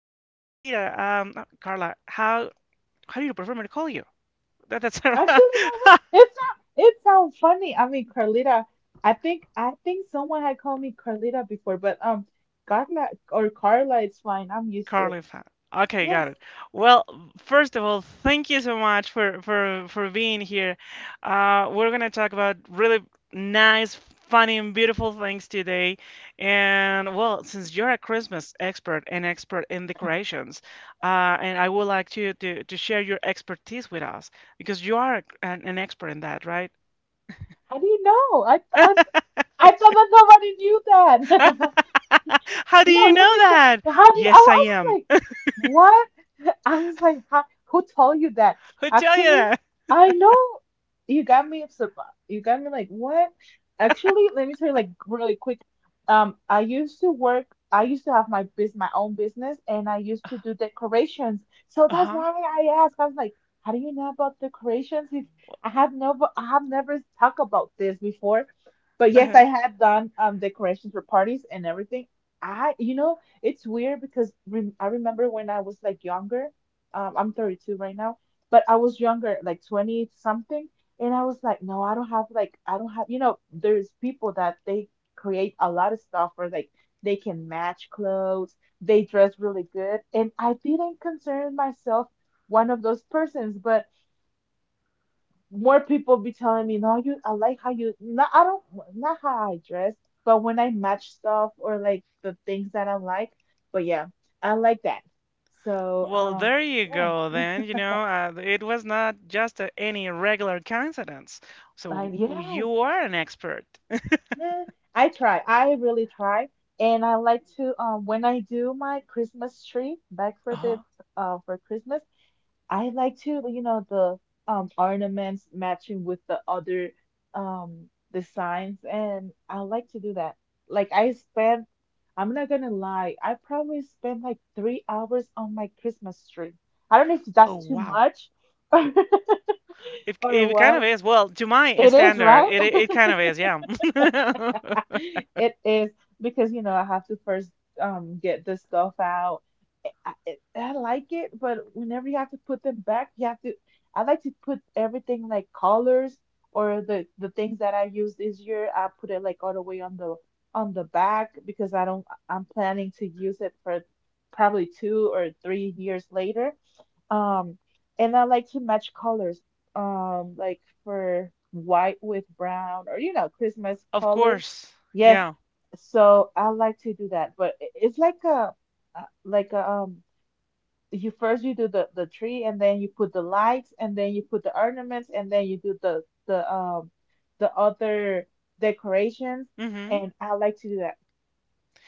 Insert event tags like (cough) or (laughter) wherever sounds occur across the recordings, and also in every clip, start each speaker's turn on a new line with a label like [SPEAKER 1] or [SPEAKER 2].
[SPEAKER 1] Hi, Carlita. Not Carla. How do you prefer me to call you? That's
[SPEAKER 2] Actually, that
[SPEAKER 1] (laughs)
[SPEAKER 2] was
[SPEAKER 1] how
[SPEAKER 2] it. Sound it sound funny. I mean, Carlita. I think someone had called me Carlita before, but Carla or Carla, it's fine. I'm used to it.
[SPEAKER 1] Carly Fan. Okay,
[SPEAKER 2] Yes.
[SPEAKER 1] got it. Well, first of all, thank you so much for being here. We're gonna talk about really nice, funny, and beautiful things today. And well, since you're a Christmas expert and expert in decorations, and I would like to share your expertise with us because you are an expert in that, right?
[SPEAKER 2] How do you know?
[SPEAKER 1] (laughs)
[SPEAKER 2] I thought that nobody knew that. (laughs)
[SPEAKER 1] How do
[SPEAKER 2] No,
[SPEAKER 1] you know
[SPEAKER 2] let me
[SPEAKER 1] that?
[SPEAKER 2] tell how do you,
[SPEAKER 1] Yes, I
[SPEAKER 2] I was
[SPEAKER 1] am.
[SPEAKER 2] like, what? (laughs) I was like, how, who told you that?
[SPEAKER 1] Who tell you
[SPEAKER 2] Actually,
[SPEAKER 1] that?
[SPEAKER 2] I know you got me surprised. You got me like, what? Actually, let me tell you like really quick. I used to work, I used to have my biz, my own business, and I used to do decorations. So that's
[SPEAKER 1] Uh-huh.
[SPEAKER 2] why I asked. I was like, how do you know about decorations? If I have never, I have never talked about this before. But yes, I
[SPEAKER 1] (laughs)
[SPEAKER 2] had done decorations for parties and everything. I, you know, it's weird because rem I remember when I was like younger. I'm 32 right now, but I was younger, like 20 something, and I was like, no, I don't have like, I don't have, you know, there's people that they create a lot of stuff, or like they can match clothes, they dress really good, and I didn't consider myself one of those persons. More people be telling me, no, you, I like how you, not, I don't, not how I dress, but when I match stuff or like the things that I like. But yeah, I like that. So,
[SPEAKER 1] Well, there you
[SPEAKER 2] yeah.
[SPEAKER 1] go then. You know, it was not just any regular coincidence. So
[SPEAKER 2] Yes,
[SPEAKER 1] you are an expert.
[SPEAKER 2] yeah, I try. I really try. And I like to, when I do my Christmas tree back for the,
[SPEAKER 1] Uh-huh.
[SPEAKER 2] for Christmas, I like to, you know, the ornaments matching with the other designs, and I like to do that. Like I spent, I'm not gonna lie, I probably spent like 3 hours on my Christmas tree. I don't know if
[SPEAKER 1] Oh,
[SPEAKER 2] that's too
[SPEAKER 1] wow.
[SPEAKER 2] much (laughs)
[SPEAKER 1] It,
[SPEAKER 2] or
[SPEAKER 1] it kind of
[SPEAKER 2] what.
[SPEAKER 1] is. Well, to my
[SPEAKER 2] It is,
[SPEAKER 1] standard,
[SPEAKER 2] right?
[SPEAKER 1] it kind of is, yeah. (laughs)
[SPEAKER 2] (laughs) It is because you know I have to first get this stuff out. I, I, I like it, but whenever you have to put them back, you have to. I like to put everything like colors or the things that I used this year. I put it like all the way on the back because I don't. I'm planning to use it for probably 2 or 3 years later, um, and I like to match colors, like for white with brown, or you know, Christmas
[SPEAKER 1] Of
[SPEAKER 2] colors.
[SPEAKER 1] course.
[SPEAKER 2] Yes.
[SPEAKER 1] Yeah.
[SPEAKER 2] So I like to do that, but it's like a, you first you do the tree, and then you put the lights, and then you put the ornaments, and then you do the the um other decorations,
[SPEAKER 1] hmm
[SPEAKER 2] and I like to do that.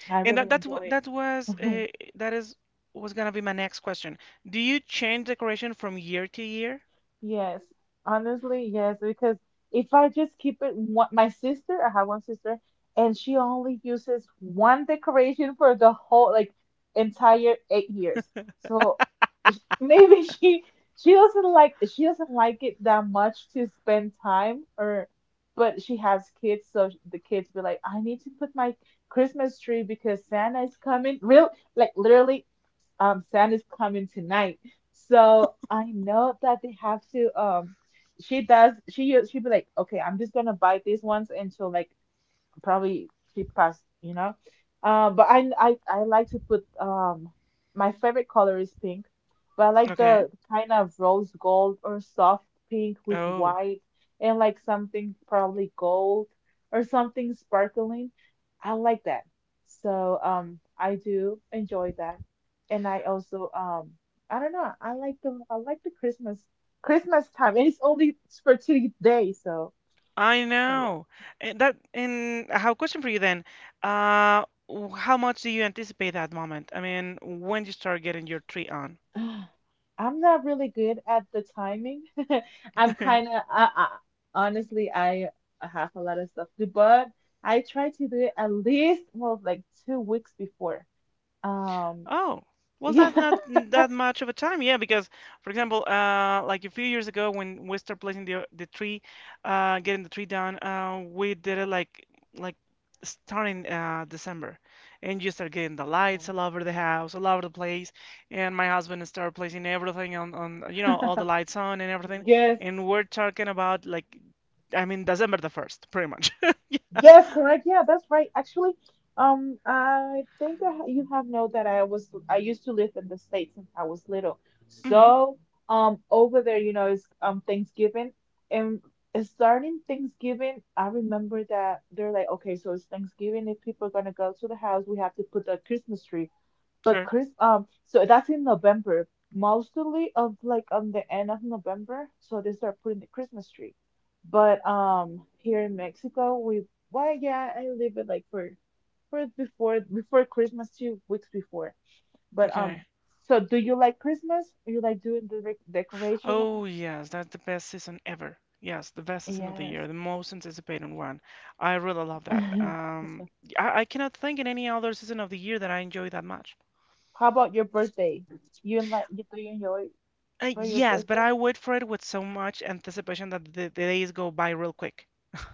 [SPEAKER 2] I
[SPEAKER 1] And that
[SPEAKER 2] really
[SPEAKER 1] that's what
[SPEAKER 2] enjoy
[SPEAKER 1] that was
[SPEAKER 2] it. (laughs)
[SPEAKER 1] that is was gonna be my next question. Do you change decoration from year to year?
[SPEAKER 2] Yes, honestly, yes, because if I just keep it one, my sister, I have one sister, and she only uses one decoration for the whole like entire 8 years. So maybe (laughs) she doesn't like it that much to spend time. Or but she has kids, so the kids be like, I need to put my Christmas tree because Santa is coming. Real like literally Santa's coming tonight. So I know that they have to she'd be like, okay, I'm just gonna buy these ones until like probably she past, you know. But I like to put my favorite color is pink, but I like
[SPEAKER 1] Okay.
[SPEAKER 2] the kind of rose gold or soft pink with
[SPEAKER 1] Oh.
[SPEAKER 2] white, and like something probably gold or something sparkling. I like that. So I do enjoy that. And I also I don't know, I like the Christmas time, and it's only for 2 days, so
[SPEAKER 1] I
[SPEAKER 2] so yeah.
[SPEAKER 1] know. And that, and I have a question for you then. How much do you anticipate that moment? I mean, when do you start getting your tree on?
[SPEAKER 2] (sighs) I'm not really good at the timing. (laughs) I'm
[SPEAKER 1] (laughs)
[SPEAKER 2] kind of, I, honestly, I have a lot of stuff to do, but I try to do it at least, well, like 2 weeks before. Um,
[SPEAKER 1] Oh, well,
[SPEAKER 2] yeah.
[SPEAKER 1] that's not that much of a time, yeah. Because, for example, like a few years ago when we started placing the tree, getting the tree down, we did it like starting December, and you start getting the lights all over the house, all over the place, and my husband started placing everything on you know
[SPEAKER 2] (laughs)
[SPEAKER 1] all the lights on and everything,
[SPEAKER 2] Yes,
[SPEAKER 1] and we're talking about like I mean December the first, pretty much.
[SPEAKER 2] Yes, correct. Yeah, that's right. Actually, I think I, ha- you have know that I used to live in the States since I was little.
[SPEAKER 1] (laughs) hmm
[SPEAKER 2] So, over there, you know, it's Thanksgiving, and starting Thanksgiving, I remember that they're like, okay, so it's Thanksgiving. If people are gonna go to the house, we have to put the Christmas tree. But
[SPEAKER 1] Sure.
[SPEAKER 2] So that's in November, mostly of like on the end of November. So they start putting the Christmas tree. But here in Mexico, yeah, I leave it like for before Christmas, 2 weeks before. But
[SPEAKER 1] Okay.
[SPEAKER 2] so do you like Christmas? You like doing the decorations?
[SPEAKER 1] Oh, yes, that's the best season ever. Yes, the best season of the
[SPEAKER 2] Yes.
[SPEAKER 1] year, the most anticipated one. I really love that. I cannot think in any other season of the year that I enjoy that much.
[SPEAKER 2] (laughs) How about your birthday? You like you do you enjoy for your
[SPEAKER 1] Yes, but
[SPEAKER 2] birthday?
[SPEAKER 1] I wait for it with so much anticipation that the days go by real quick.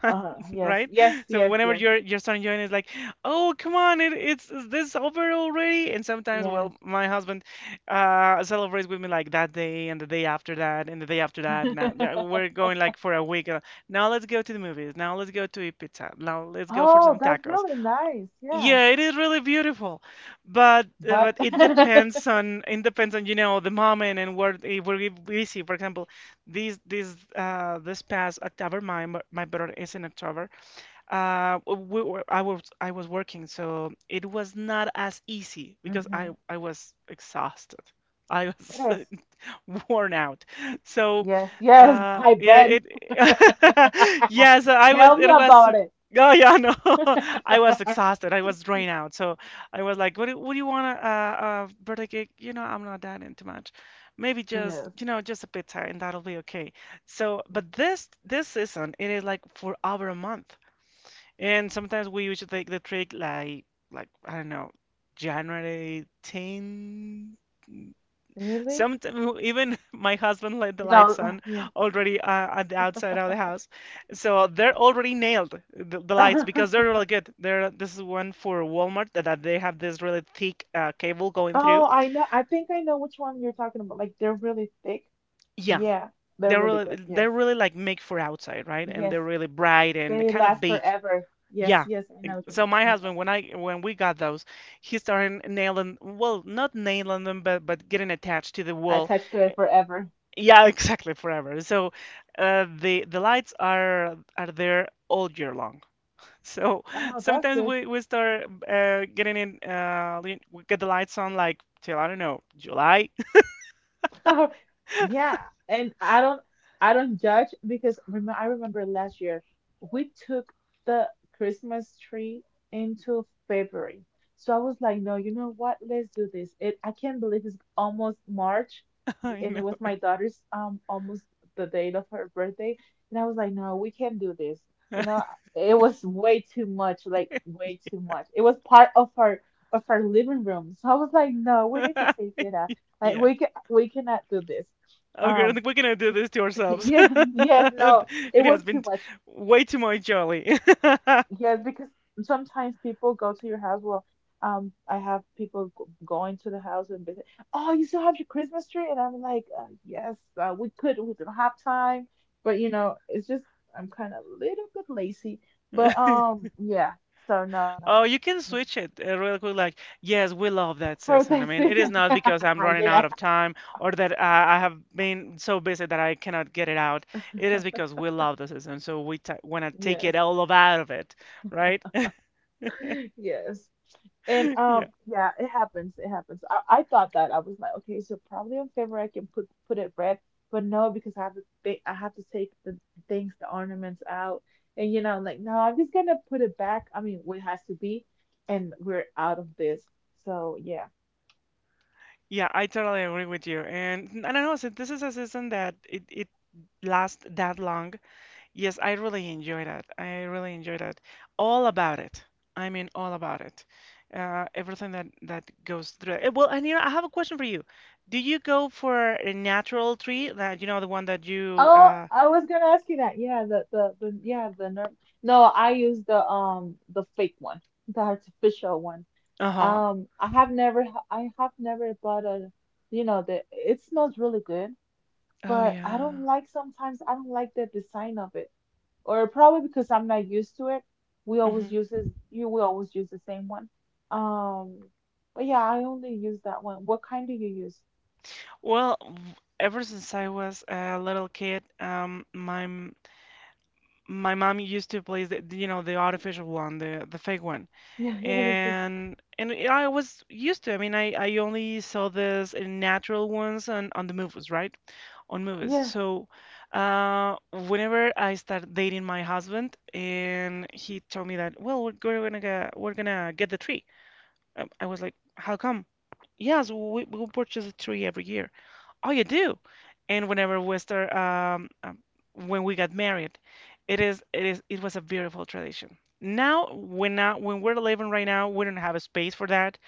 [SPEAKER 1] (laughs)
[SPEAKER 2] Yes,
[SPEAKER 1] Right?
[SPEAKER 2] yes,
[SPEAKER 1] So
[SPEAKER 2] yes,
[SPEAKER 1] whenever
[SPEAKER 2] yes,
[SPEAKER 1] you're starting enjoying it, it's like, oh come on, it, it's is this over already? And sometimes,
[SPEAKER 2] yes.
[SPEAKER 1] well, my husband celebrates with me like that day and the day after that and the day after that. And
[SPEAKER 2] (laughs)
[SPEAKER 1] we're going like for a week. Now let's go to the movies. Now let's go to eat pizza. Now let's go for
[SPEAKER 2] Oh,
[SPEAKER 1] some
[SPEAKER 2] that's
[SPEAKER 1] tacos.
[SPEAKER 2] really nice. Yeah.
[SPEAKER 1] Yeah, it is really beautiful,
[SPEAKER 2] But
[SPEAKER 1] but
[SPEAKER 2] (laughs)
[SPEAKER 1] it depends on you know the moment and where if we're busy. For example, this past October, my brother is in October. We were, I was working, so it was not as easy because I
[SPEAKER 2] Mhm.
[SPEAKER 1] I was exhausted. I
[SPEAKER 2] It
[SPEAKER 1] was
[SPEAKER 2] is.
[SPEAKER 1] (laughs) worn out. So.
[SPEAKER 2] Yes, yes, I
[SPEAKER 1] Yeah,
[SPEAKER 2] bet.
[SPEAKER 1] it.
[SPEAKER 2] (laughs)
[SPEAKER 1] (laughs) Yes, I was.
[SPEAKER 2] Tell me
[SPEAKER 1] It was.
[SPEAKER 2] about it.
[SPEAKER 1] Oh yeah, no. (laughs) I was
[SPEAKER 2] (laughs)
[SPEAKER 1] exhausted. I was drained out. So I was like, what do you want? A birthday cake? You know, I'm not that into much. Maybe just,
[SPEAKER 2] Yes.
[SPEAKER 1] you know, just a pizza, and that'll be okay." So, but this season, it is like for over a month, and sometimes we usually take the trick like I don't know, January 10th.
[SPEAKER 2] Really?
[SPEAKER 1] Sometimes even (laughs) my husband let the
[SPEAKER 2] No,
[SPEAKER 1] lights on
[SPEAKER 2] (sighs) yeah.
[SPEAKER 1] already at the outside of the house, so they're already nailed the lights because they're
[SPEAKER 2] (laughs)
[SPEAKER 1] really good. They're this is one for Walmart that, that they have this really thick cable going
[SPEAKER 2] Oh,
[SPEAKER 1] through.
[SPEAKER 2] I know. I think I know which one you're talking about. Like they're really thick.
[SPEAKER 1] Yeah,
[SPEAKER 2] Yeah, they're
[SPEAKER 1] they're
[SPEAKER 2] really
[SPEAKER 1] really
[SPEAKER 2] good. Yes.
[SPEAKER 1] they're really like make for outside, right? And
[SPEAKER 2] Yes.
[SPEAKER 1] they're really bright and
[SPEAKER 2] They
[SPEAKER 1] kind of
[SPEAKER 2] last
[SPEAKER 1] big.
[SPEAKER 2] forever. Yes,
[SPEAKER 1] Yeah.
[SPEAKER 2] yes, I know which one you're
[SPEAKER 1] So my
[SPEAKER 2] talking about.
[SPEAKER 1] husband, when we got those, he started nailing, well, not nailing them, but getting attached to the
[SPEAKER 2] I
[SPEAKER 1] wall.
[SPEAKER 2] touched her forever.
[SPEAKER 1] Yeah, (laughs) exactly, forever. So the lights are there all year long. (laughs) So
[SPEAKER 2] Oh, that's
[SPEAKER 1] sometimes
[SPEAKER 2] good.
[SPEAKER 1] we start we get the lights on like till I don't know July.
[SPEAKER 2] (laughs) Yeah, and I don't judge because rem I remember last year we took the Christmas tree into February. So I was like, no, you know what? Let's do this. It I can't believe it's almost March,
[SPEAKER 1] (laughs) I
[SPEAKER 2] and it
[SPEAKER 1] know.
[SPEAKER 2] was my daughter's almost the date of her birthday, and I was like, no, we can't do this. You know,
[SPEAKER 1] (laughs)
[SPEAKER 2] it was way too much, like way too much. It was part of our living room. So I was like, no, we need to take it out like
[SPEAKER 1] Yeah.
[SPEAKER 2] we cannot do this.
[SPEAKER 1] Okay, I
[SPEAKER 2] Um
[SPEAKER 1] think we're gonna do this to
[SPEAKER 2] (laughs)
[SPEAKER 1] ourselves. (laughs)
[SPEAKER 2] yeah, yes, no. It
[SPEAKER 1] It
[SPEAKER 2] was
[SPEAKER 1] has
[SPEAKER 2] too
[SPEAKER 1] been t-
[SPEAKER 2] much.
[SPEAKER 1] way too much jolly. (laughs)
[SPEAKER 2] Yes, because sometimes people go to your house. Well, I have people going to the house and visit. Oh, you still have your Christmas tree? And I'm like, yes, we could. We don't have time, but you know, it's just I'm kind of a little bit lazy. But yeah. So no, no,
[SPEAKER 1] Oh, you
[SPEAKER 2] no.
[SPEAKER 1] can switch it real quick. Like, yes, we love
[SPEAKER 2] For
[SPEAKER 1] that
[SPEAKER 2] this
[SPEAKER 1] season. I mean,
[SPEAKER 2] season,
[SPEAKER 1] it is not
[SPEAKER 2] (laughs)
[SPEAKER 1] because I'm
[SPEAKER 2] yeah,
[SPEAKER 1] running out of time or that I have been so busy that I cannot get it out. It is because we love the season, so we t want to take
[SPEAKER 2] yes,
[SPEAKER 1] it all of out of it, right? (laughs)
[SPEAKER 2] yes. And
[SPEAKER 1] Yeah,
[SPEAKER 2] yeah, it happens. It happens. I thought that I was like, okay, so probably on February I can put it red, but no, because I have to think, I have to take the things, the ornaments out, and you know, like no, I'm just gonna put it back. I mean, what has to be, and we're out of this. So yeah.
[SPEAKER 1] yeah, I totally agree with you. And I don't know, so this is a season that it lasts that long. Yes, I really enjoy that. I really enjoy that. All about it. I mean, all about it. Everything that that goes through it. Eh, well, and you know, I have a question for you. Do you go for a natural tree? That you know, the one that you
[SPEAKER 2] Oh, I was gonna ask you that. Yeah, the yeah the nerve. No, I use the fake one, the artificial one.
[SPEAKER 1] uh-huh.
[SPEAKER 2] I have never I have never bought a you know the it smells really good,
[SPEAKER 1] Oh
[SPEAKER 2] but I
[SPEAKER 1] yeah.
[SPEAKER 2] don't like sometimes I don't like the design of it, or probably because I'm not used to it. We always
[SPEAKER 1] hmm
[SPEAKER 2] use this, you we always use the same one. Um, but yeah, I only use that one. What kind do you use? (laughs)
[SPEAKER 1] Well, ever since I was a little kid, my mom used to place the, you know, the artificial one, the fake one.
[SPEAKER 2] Yeah, yeah, the thing.
[SPEAKER 1] And I was used to. I mean, I only saw this in natural ones on the movies, right? On movies.
[SPEAKER 2] Yeah,
[SPEAKER 1] So, whenever I started dating my husband, and he told me that, well, we're gonna get the tree. I was like, how come? Yeah, so we purchase a tree every year. Oh, you do? And whenever we start, when we got married, it was a beautiful tradition. Now, when we're living right now, we don't have a space for that.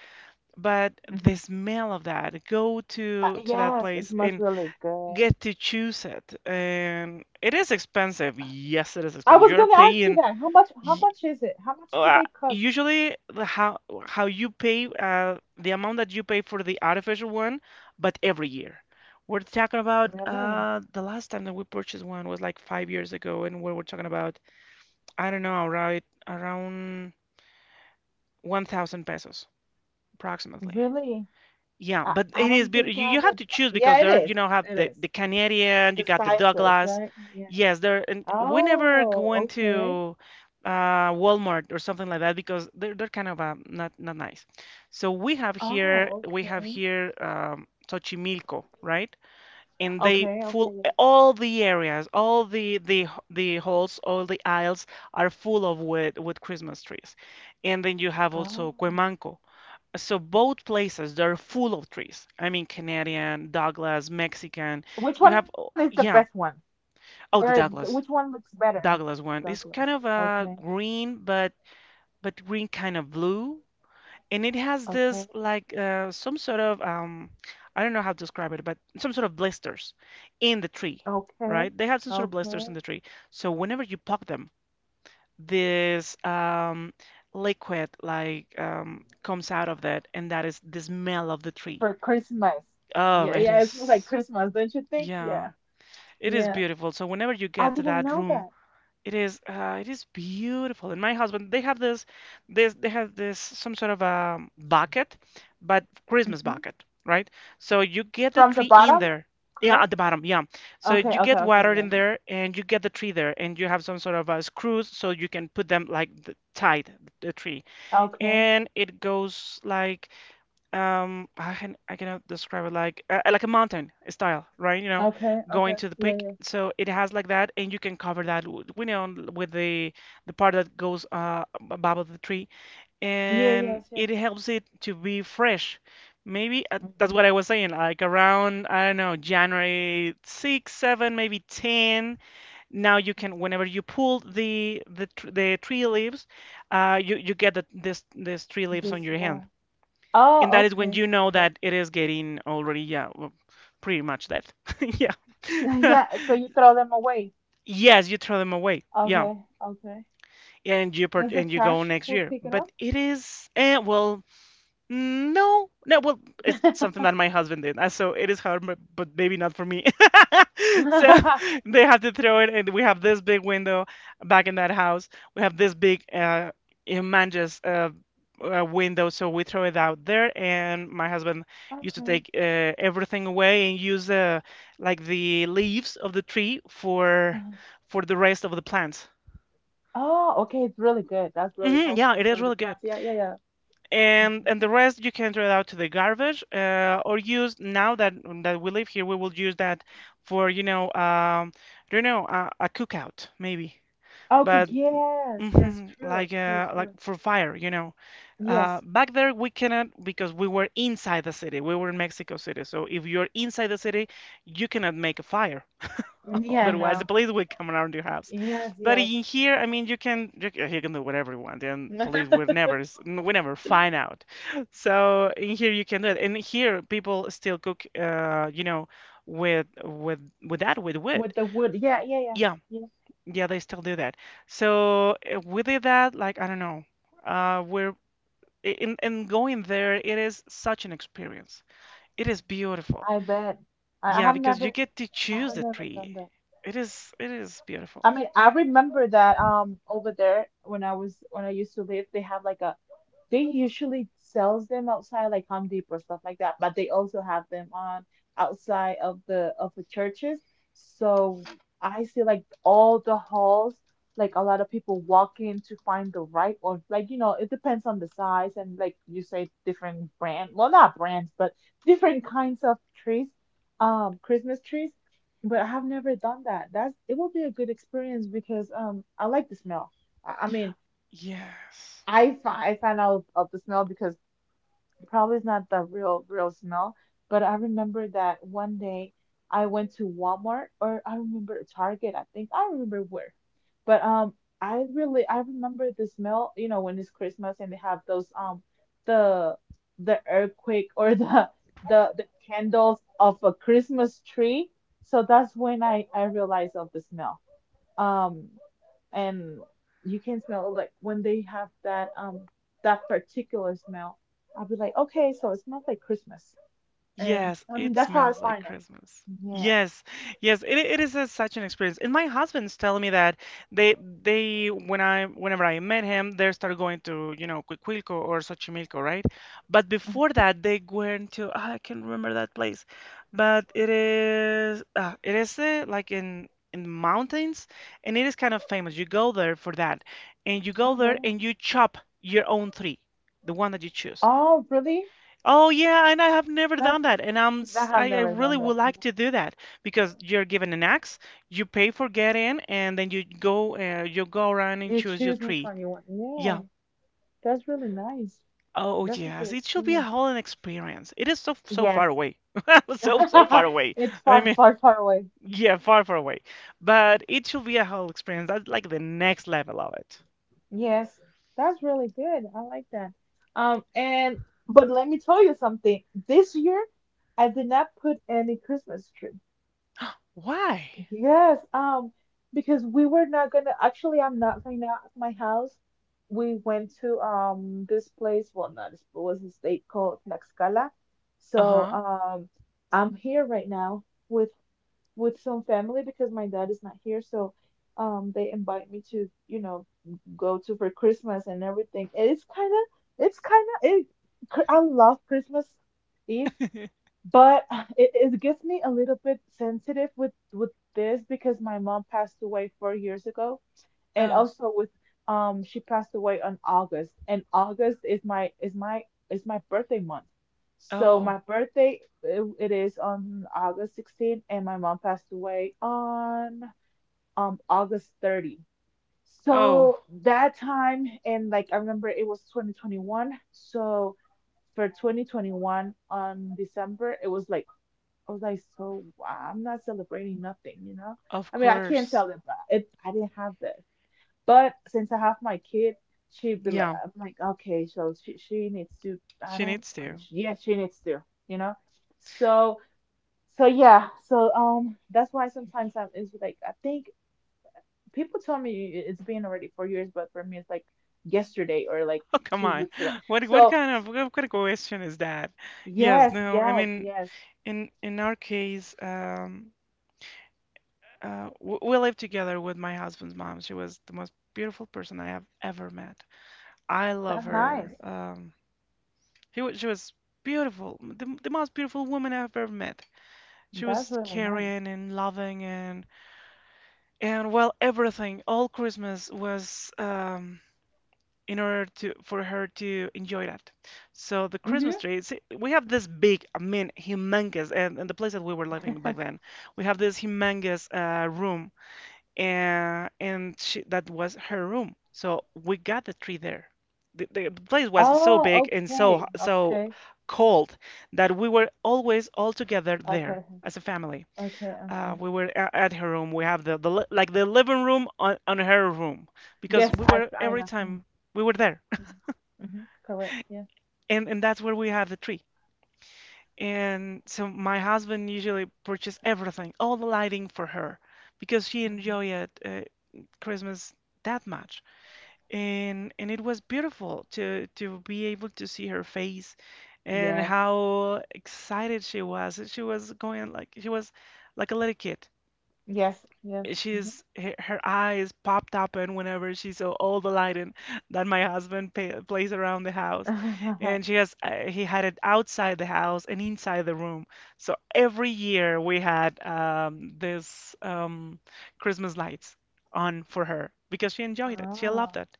[SPEAKER 1] But the
[SPEAKER 2] Mhm.
[SPEAKER 1] smell of that, go to that
[SPEAKER 2] Yes, it
[SPEAKER 1] place and
[SPEAKER 2] smells really good.
[SPEAKER 1] get to choose it, and it is expensive. Yes, it is
[SPEAKER 2] I
[SPEAKER 1] expensive.
[SPEAKER 2] was
[SPEAKER 1] You're
[SPEAKER 2] gonna ask you
[SPEAKER 1] paying.
[SPEAKER 2] that. How much? How
[SPEAKER 1] y-
[SPEAKER 2] much is it? How much do
[SPEAKER 1] uh,
[SPEAKER 2] they cost?
[SPEAKER 1] Usually, the how you pay the amount that you pay for the artificial one, but every year. We're talking about
[SPEAKER 2] Really?
[SPEAKER 1] the last time that we purchased one was like 5 years ago, and we were talking about I don't know, right around 1,000 pesos approximately.
[SPEAKER 2] Really?
[SPEAKER 1] Yeah, but
[SPEAKER 2] I
[SPEAKER 1] it is
[SPEAKER 2] don't
[SPEAKER 1] beautiful.
[SPEAKER 2] think I
[SPEAKER 1] You have
[SPEAKER 2] will.
[SPEAKER 1] to
[SPEAKER 2] Bu-
[SPEAKER 1] choose because
[SPEAKER 2] Yeah, it
[SPEAKER 1] there, you
[SPEAKER 2] is.
[SPEAKER 1] know, have
[SPEAKER 2] It is.
[SPEAKER 1] the Canadian, you
[SPEAKER 2] The
[SPEAKER 1] got the
[SPEAKER 2] sizes,
[SPEAKER 1] Douglas.
[SPEAKER 2] right? Yeah.
[SPEAKER 1] Yes, there, and we never went
[SPEAKER 2] Oh, okay.
[SPEAKER 1] to Walmart or something like that because they're kind of not not nice. So
[SPEAKER 2] Oh,
[SPEAKER 1] we have
[SPEAKER 2] okay.
[SPEAKER 1] here Xochimilco, right? And they
[SPEAKER 2] Okay,
[SPEAKER 1] full
[SPEAKER 2] okay, yes.
[SPEAKER 1] all the areas, all the halls, all the aisles are full of with Christmas trees. And then you have also
[SPEAKER 2] Oh.
[SPEAKER 1] Cuemanco. So both places they're full of trees. I mean Canadian, Douglas, Mexican.
[SPEAKER 2] Which
[SPEAKER 1] You
[SPEAKER 2] one
[SPEAKER 1] have
[SPEAKER 2] is the
[SPEAKER 1] oh,
[SPEAKER 2] best one?
[SPEAKER 1] yeah.
[SPEAKER 2] Or
[SPEAKER 1] Oh, the
[SPEAKER 2] which one
[SPEAKER 1] Douglas.
[SPEAKER 2] looks better?
[SPEAKER 1] Douglas one.
[SPEAKER 2] Douglas.
[SPEAKER 1] It's kind of
[SPEAKER 2] Okay,
[SPEAKER 1] a green but green kind of blue. And it has
[SPEAKER 2] okay,
[SPEAKER 1] this like some sort of I don't know how to describe it, but some sort of blisters in the tree,
[SPEAKER 2] okay,
[SPEAKER 1] right? They have some sort of
[SPEAKER 2] okay.
[SPEAKER 1] blisters in the tree. So whenever you poke them, this liquid like comes out of that and that is the smell of the tree.
[SPEAKER 2] For Christmas.
[SPEAKER 1] Oh,
[SPEAKER 2] Yeah,
[SPEAKER 1] it
[SPEAKER 2] yeah, it smells like
[SPEAKER 1] is.
[SPEAKER 2] Christmas, don't you think?
[SPEAKER 1] Yeah,
[SPEAKER 2] Yeah,
[SPEAKER 1] it is
[SPEAKER 2] yeah.
[SPEAKER 1] beautiful. So whenever you
[SPEAKER 2] I
[SPEAKER 1] get to
[SPEAKER 2] didn't
[SPEAKER 1] that
[SPEAKER 2] know
[SPEAKER 1] room,
[SPEAKER 2] that.
[SPEAKER 1] it is beautiful. And my husband, they have this they have this some sort of a bucket, but Christmas
[SPEAKER 2] Hmm.
[SPEAKER 1] bucket, right? So you get the
[SPEAKER 2] From the
[SPEAKER 1] tree in
[SPEAKER 2] bottom,
[SPEAKER 1] there. Yeah, at the
[SPEAKER 2] correct?
[SPEAKER 1] bottom, yeah. So you
[SPEAKER 2] Okay, okay,
[SPEAKER 1] get
[SPEAKER 2] okay,
[SPEAKER 1] water
[SPEAKER 2] yeah.
[SPEAKER 1] in there and you get the tree there and you have some sort of screws so you can put them like the, tied the tree.
[SPEAKER 2] Okay,
[SPEAKER 1] And it goes like I cannot describe it like a mountain style, right? You know,
[SPEAKER 2] okay,
[SPEAKER 1] going
[SPEAKER 2] okay.
[SPEAKER 1] to the
[SPEAKER 2] Yeah,
[SPEAKER 1] peak.
[SPEAKER 2] yeah.
[SPEAKER 1] So it has like that, and you can cover that you know with the part that goes above the tree,
[SPEAKER 2] Yeah,
[SPEAKER 1] and
[SPEAKER 2] yes,
[SPEAKER 1] it
[SPEAKER 2] yes.
[SPEAKER 1] helps it to be fresh. Maybe that's
[SPEAKER 2] Mm-hmm.
[SPEAKER 1] what I was saying. Like around I don't know January 6, 7, maybe 10. Now you can whenever you pull the tree leaves, you you get the this this tree leaves
[SPEAKER 2] The
[SPEAKER 1] on your hands.
[SPEAKER 2] smell.
[SPEAKER 1] And
[SPEAKER 2] Oh,
[SPEAKER 1] that is when
[SPEAKER 2] okay,
[SPEAKER 1] you know
[SPEAKER 2] okay.
[SPEAKER 1] that it is getting already, yeah, well, pretty much dead. (laughs) Yeah.
[SPEAKER 2] (laughs)
[SPEAKER 1] (laughs)
[SPEAKER 2] Yeah, so you throw them away.
[SPEAKER 1] Yes, you throw them away. Yeah.
[SPEAKER 2] Okay, okay.
[SPEAKER 1] And you part
[SPEAKER 2] Does the
[SPEAKER 1] and you go
[SPEAKER 2] trash
[SPEAKER 1] next
[SPEAKER 2] will
[SPEAKER 1] year.
[SPEAKER 2] pick it
[SPEAKER 1] But it is, and well, no, no. Well, it's
[SPEAKER 2] up?
[SPEAKER 1] something
[SPEAKER 2] (laughs)
[SPEAKER 1] that my husband did, so it is hard, but maybe not for me. (laughs) So they have to throw it, and we have this big window back in that house. We have this big humongous window, so we throw it out there. And my husband used to
[SPEAKER 2] Okay.
[SPEAKER 1] take everything away and use like the leaves of the tree for
[SPEAKER 2] Uh-huh.
[SPEAKER 1] for the rest of the plants.
[SPEAKER 2] Oh, okay. It's really good. That's really
[SPEAKER 1] Hmm, yeah,
[SPEAKER 2] helpful
[SPEAKER 1] it is
[SPEAKER 2] for the
[SPEAKER 1] really good.
[SPEAKER 2] plants. Yeah, yeah, yeah.
[SPEAKER 1] And the rest you can throw it out to the garbage, or use now that we live here we will use that for I don't know, a cookout maybe.
[SPEAKER 2] Okay.
[SPEAKER 1] But
[SPEAKER 2] Yes, yes.
[SPEAKER 1] mhm,
[SPEAKER 2] True,
[SPEAKER 1] like
[SPEAKER 2] true,
[SPEAKER 1] uh, like
[SPEAKER 2] true.
[SPEAKER 1] for fire.
[SPEAKER 2] Yes.
[SPEAKER 1] Back there we cannot because we were inside the city, we were in Mexico City. So if you're inside the city you cannot make a fire.
[SPEAKER 2] Yeah,
[SPEAKER 1] Otherwise, the
[SPEAKER 2] no.
[SPEAKER 1] police will come around your house.
[SPEAKER 2] Yes,
[SPEAKER 1] But
[SPEAKER 2] yes.
[SPEAKER 1] in here, I mean, you can do whatever you want, and police will
[SPEAKER 2] (laughs)
[SPEAKER 1] never, we never find out. So in here, you can do it. And here, people still cook, with with that with wood.
[SPEAKER 2] With the wood. Yeah, yeah, yeah.
[SPEAKER 1] Yeah,
[SPEAKER 2] Yeah.
[SPEAKER 1] yeah, they still do that. So we did that. Like, I don't know, we're in and going there. It is such an experience. It is beautiful.
[SPEAKER 2] I bet. I, I
[SPEAKER 1] Yeah,
[SPEAKER 2] have
[SPEAKER 1] because you
[SPEAKER 2] never,
[SPEAKER 1] get to
[SPEAKER 2] I
[SPEAKER 1] choose
[SPEAKER 2] have
[SPEAKER 1] the
[SPEAKER 2] never
[SPEAKER 1] tree.
[SPEAKER 2] done that.
[SPEAKER 1] It is beautiful.
[SPEAKER 2] I mean, I remember that over there when I was when I used to live, they have like a they usually sells them outside like Home Depot or stuff like that, but they also have them on outside of the churches. So I see like all the halls, like a lot of people walk in to find the right, or like you know, it depends on the size and like you say different brand, well not brands, but different kinds of trees, Christmas trees. But I have never done that. That's it will be a good experience because I like the smell. I mean
[SPEAKER 1] Yes.
[SPEAKER 2] I find out of the smell because probably is not the real smell, but I remember that one day I went to Walmart or I remember Target, I think. I don't remember where. But I remember the smell, you know, when it's Christmas and they have those the the earthquake (laughs) or the candles of a Christmas tree. So that's when I realized of the smell. Um and you can smell like when they have that that particular smell. I'll be like, okay, so it smells like Christmas, and
[SPEAKER 1] Yes,
[SPEAKER 2] I mean
[SPEAKER 1] it
[SPEAKER 2] that's how I
[SPEAKER 1] smells like
[SPEAKER 2] find it.
[SPEAKER 1] Christmas.
[SPEAKER 2] Yeah.
[SPEAKER 1] Yes. Yes, it is such an experience. And my husband's telling me that they they whenever I met him, they started going to, Cuicuilco or Xochimilco, right? But
[SPEAKER 2] Mhm.
[SPEAKER 1] before that, they went to, I can't remember that place. But it is like in the mountains, and it is kind of famous. You go there for that. And you go
[SPEAKER 2] Oh,
[SPEAKER 1] there
[SPEAKER 2] really?
[SPEAKER 1] and you chop your own tree, the one that you choose.
[SPEAKER 2] Oh, really?
[SPEAKER 1] Oh yeah, and I have never done
[SPEAKER 2] That's
[SPEAKER 1] that, and I'm
[SPEAKER 2] I
[SPEAKER 1] s-
[SPEAKER 2] have
[SPEAKER 1] I, I
[SPEAKER 2] never done
[SPEAKER 1] really would
[SPEAKER 2] that
[SPEAKER 1] like
[SPEAKER 2] either.
[SPEAKER 1] to do that because you're given an axe, you pay for get in, and then you go around and
[SPEAKER 2] You
[SPEAKER 1] choose your
[SPEAKER 2] choose which
[SPEAKER 1] tree.
[SPEAKER 2] one you want.
[SPEAKER 1] Yeah.
[SPEAKER 2] Yeah, that's really nice.
[SPEAKER 1] Oh
[SPEAKER 2] That's a good
[SPEAKER 1] yes, it should be a
[SPEAKER 2] experience.
[SPEAKER 1] whole experience. It is so, so far
[SPEAKER 2] Yes.
[SPEAKER 1] away, (laughs) so, so
[SPEAKER 2] (laughs)
[SPEAKER 1] far away.
[SPEAKER 2] It's
[SPEAKER 1] I
[SPEAKER 2] far,
[SPEAKER 1] mean,
[SPEAKER 2] far, far away.
[SPEAKER 1] yeah, far, far away, but it should be a whole experience. That's like the next level of it.
[SPEAKER 2] Yes, that's really good. I like that. And but let me tell you something. This year, I did not put any Christmas tree.
[SPEAKER 1] Why?
[SPEAKER 2] Yes, because we were not gonna. Actually, I'm not right now at my house. We went to this place. Well, not this it was a state called Tlaxcala. So
[SPEAKER 1] Uh-huh.
[SPEAKER 2] I'm here right now with some family because my dad is not here. So they invite me to, you know, go to for Christmas and everything. And it's kind of, it's kind of, it, I love Christmas Eve,
[SPEAKER 1] (laughs)
[SPEAKER 2] but (laughs) (sighs) it gets me a little bit sensitive with this because my mom passed away 4 years ago and
[SPEAKER 1] Oh,
[SPEAKER 2] also with she passed away on August and August is my is my birthday month. So
[SPEAKER 1] oh,
[SPEAKER 2] my birthday it, it is on August 16th and my mom passed away on August 30th.
[SPEAKER 1] oh,
[SPEAKER 2] So that time and like I remember it was 2021. So for 2021 on December it was like I was like so wow, I'm not celebrating nothing, you know?
[SPEAKER 1] of
[SPEAKER 2] I mean, I can't
[SPEAKER 1] course.
[SPEAKER 2] tell them, but it, I didn't have that. But since I have my kid, she'd be like,
[SPEAKER 1] Yeah,
[SPEAKER 2] I'm like, okay, so she needs to. I
[SPEAKER 1] she
[SPEAKER 2] don't.
[SPEAKER 1] needs
[SPEAKER 2] I mean,
[SPEAKER 1] to.
[SPEAKER 2] she, yeah, she needs to. You know. So so yeah. So that's why sometimes I'm it's like I think people tell me it's been already 4 years, but for me it's like yesterday or like
[SPEAKER 1] (laughs) Oh, come
[SPEAKER 2] two
[SPEAKER 1] on.
[SPEAKER 2] weeks ago.
[SPEAKER 1] What what
[SPEAKER 2] So
[SPEAKER 1] kind of what kind of question is that? Yes,
[SPEAKER 2] yes,
[SPEAKER 1] no. I
[SPEAKER 2] yes,
[SPEAKER 1] mean,
[SPEAKER 2] yes.
[SPEAKER 1] in our case, we lived together with my husband's mom. She was the most beautiful person I have ever met. I love
[SPEAKER 2] That's nice.
[SPEAKER 1] her. She was beautiful, the most beautiful woman I've ever met. She
[SPEAKER 2] That's
[SPEAKER 1] was
[SPEAKER 2] really nice.
[SPEAKER 1] caring and loving and, well, everything. All Christmas was, in order to, for her to enjoy that. So the Christmas tree, see, we have this big, I mean, humongous, and the place that we were
[SPEAKER 2] Mhm.
[SPEAKER 1] living
[SPEAKER 2] (laughs)
[SPEAKER 1] back then, we have this humongous room, and she, that was her room. So we got the tree there. The place was so
[SPEAKER 2] Oh,
[SPEAKER 1] big and so,
[SPEAKER 2] okay,
[SPEAKER 1] so
[SPEAKER 2] okay.
[SPEAKER 1] cold that we were always all together
[SPEAKER 2] I
[SPEAKER 1] there
[SPEAKER 2] heard her.
[SPEAKER 1] as a family.
[SPEAKER 2] Okay,
[SPEAKER 1] Uh,
[SPEAKER 2] okay.
[SPEAKER 1] we were a- at her room. We have like the living room on her room because
[SPEAKER 2] Yes,
[SPEAKER 1] we were
[SPEAKER 2] I
[SPEAKER 1] every
[SPEAKER 2] know.
[SPEAKER 1] time we were there,
[SPEAKER 2] Mhm. Mhm. Correct. Yeah.
[SPEAKER 1] and that's where we have the tree. And so my husband usually purchased everything, all the lighting for her, because she
[SPEAKER 2] Mhm.
[SPEAKER 1] enjoyed, Christmas that much. And it was beautiful to be able to see her face and
[SPEAKER 2] Yes,
[SPEAKER 1] how excited she was. She was going like she was like a little kid.
[SPEAKER 2] yes, yes. Mhm.
[SPEAKER 1] Her eyes popped open whenever she saw all the lighting that my husband pa plays around the house,
[SPEAKER 2] (laughs)
[SPEAKER 1] and she has he had it outside the house and inside the room. So every year we had, this, Christmas lights on for her because she enjoyed it, she loved
[SPEAKER 2] Ah,
[SPEAKER 1] it.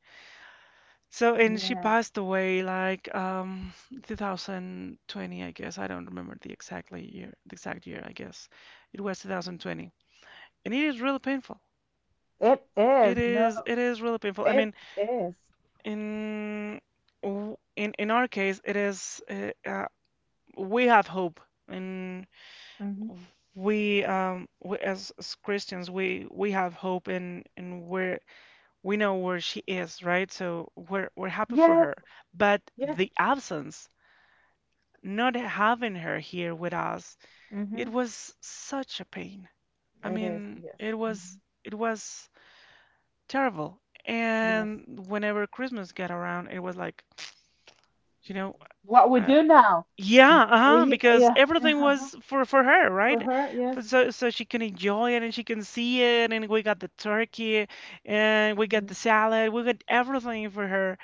[SPEAKER 1] And she
[SPEAKER 2] yeah.
[SPEAKER 1] passed away, like, 2020, I guess. I don't remember the exact year, I guess it was 2020, and it is really painful.
[SPEAKER 2] It
[SPEAKER 1] it
[SPEAKER 2] is. No,
[SPEAKER 1] is it is really painful. I
[SPEAKER 2] it
[SPEAKER 1] mean,
[SPEAKER 2] is.
[SPEAKER 1] in w- in our case, it is, we have hope, and
[SPEAKER 2] Mhm.
[SPEAKER 1] we, as Christians, we have hope in where we know where she is, right? So we're happy for
[SPEAKER 2] Yes,
[SPEAKER 1] her. But
[SPEAKER 2] yes.
[SPEAKER 1] the absence, not having her here with us, it
[SPEAKER 2] Mhm.
[SPEAKER 1] was such a pain. I
[SPEAKER 2] It is.
[SPEAKER 1] mean,
[SPEAKER 2] Yes,
[SPEAKER 1] it was
[SPEAKER 2] Mhm,
[SPEAKER 1] it was terrible.
[SPEAKER 2] yes.
[SPEAKER 1] And whenever Christmas got around, it was like, You know,
[SPEAKER 2] What we
[SPEAKER 1] uh,
[SPEAKER 2] do now?
[SPEAKER 1] yeah, uh-huh,
[SPEAKER 2] We
[SPEAKER 1] because
[SPEAKER 2] yeah.
[SPEAKER 1] everything was for her,
[SPEAKER 2] For
[SPEAKER 1] right?
[SPEAKER 2] her, yes.
[SPEAKER 1] But so she can enjoy it and she can see it, and we got the turkey, and we got the
[SPEAKER 2] Mhm.
[SPEAKER 1] salad, we got everything for her.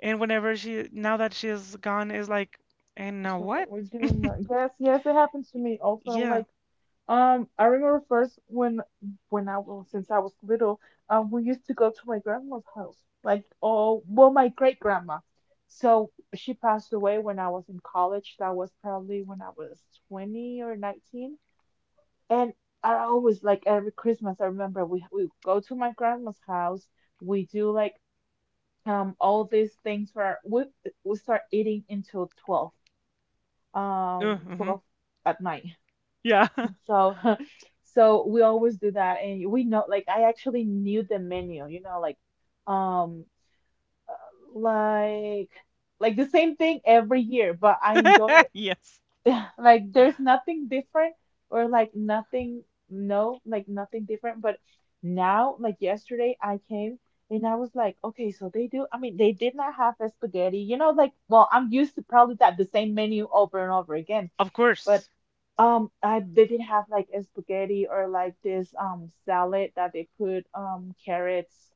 [SPEAKER 1] And whenever she, now that she's gone, is like, and now
[SPEAKER 2] So what
[SPEAKER 1] what?
[SPEAKER 2] we're doing now? Yes, yes. It happens to me also. I'm
[SPEAKER 1] Yeah,
[SPEAKER 2] like, I remember first when I was since I was little, we used to go to my grandma's house, like oh, well, my great grandma. So she passed away when I was in college. That was probably when I was 20 or 19. And I always like every Christmas, I remember we go to my grandma's house. We do like all these things for we start eating until 12,
[SPEAKER 1] uh, hmm
[SPEAKER 2] 12 at night.
[SPEAKER 1] yeah,
[SPEAKER 2] So, (laughs) so we always do that, and we know, like, I actually knew the menu, you know, um, like, like the same thing every year, but I enjoy
[SPEAKER 1] (laughs)
[SPEAKER 2] it.
[SPEAKER 1] yes,
[SPEAKER 2] (laughs) Like, there's nothing different, or like nothing, no, like nothing different. But now, like yesterday, I came and I was like, okay, so they do. I mean, they did not have the spaghetti, you know, like, well, I'm used to probably that the same menu over and over again.
[SPEAKER 1] of
[SPEAKER 2] But
[SPEAKER 1] course.
[SPEAKER 2] I they did not have like a spaghetti or like this salad that they put carrots,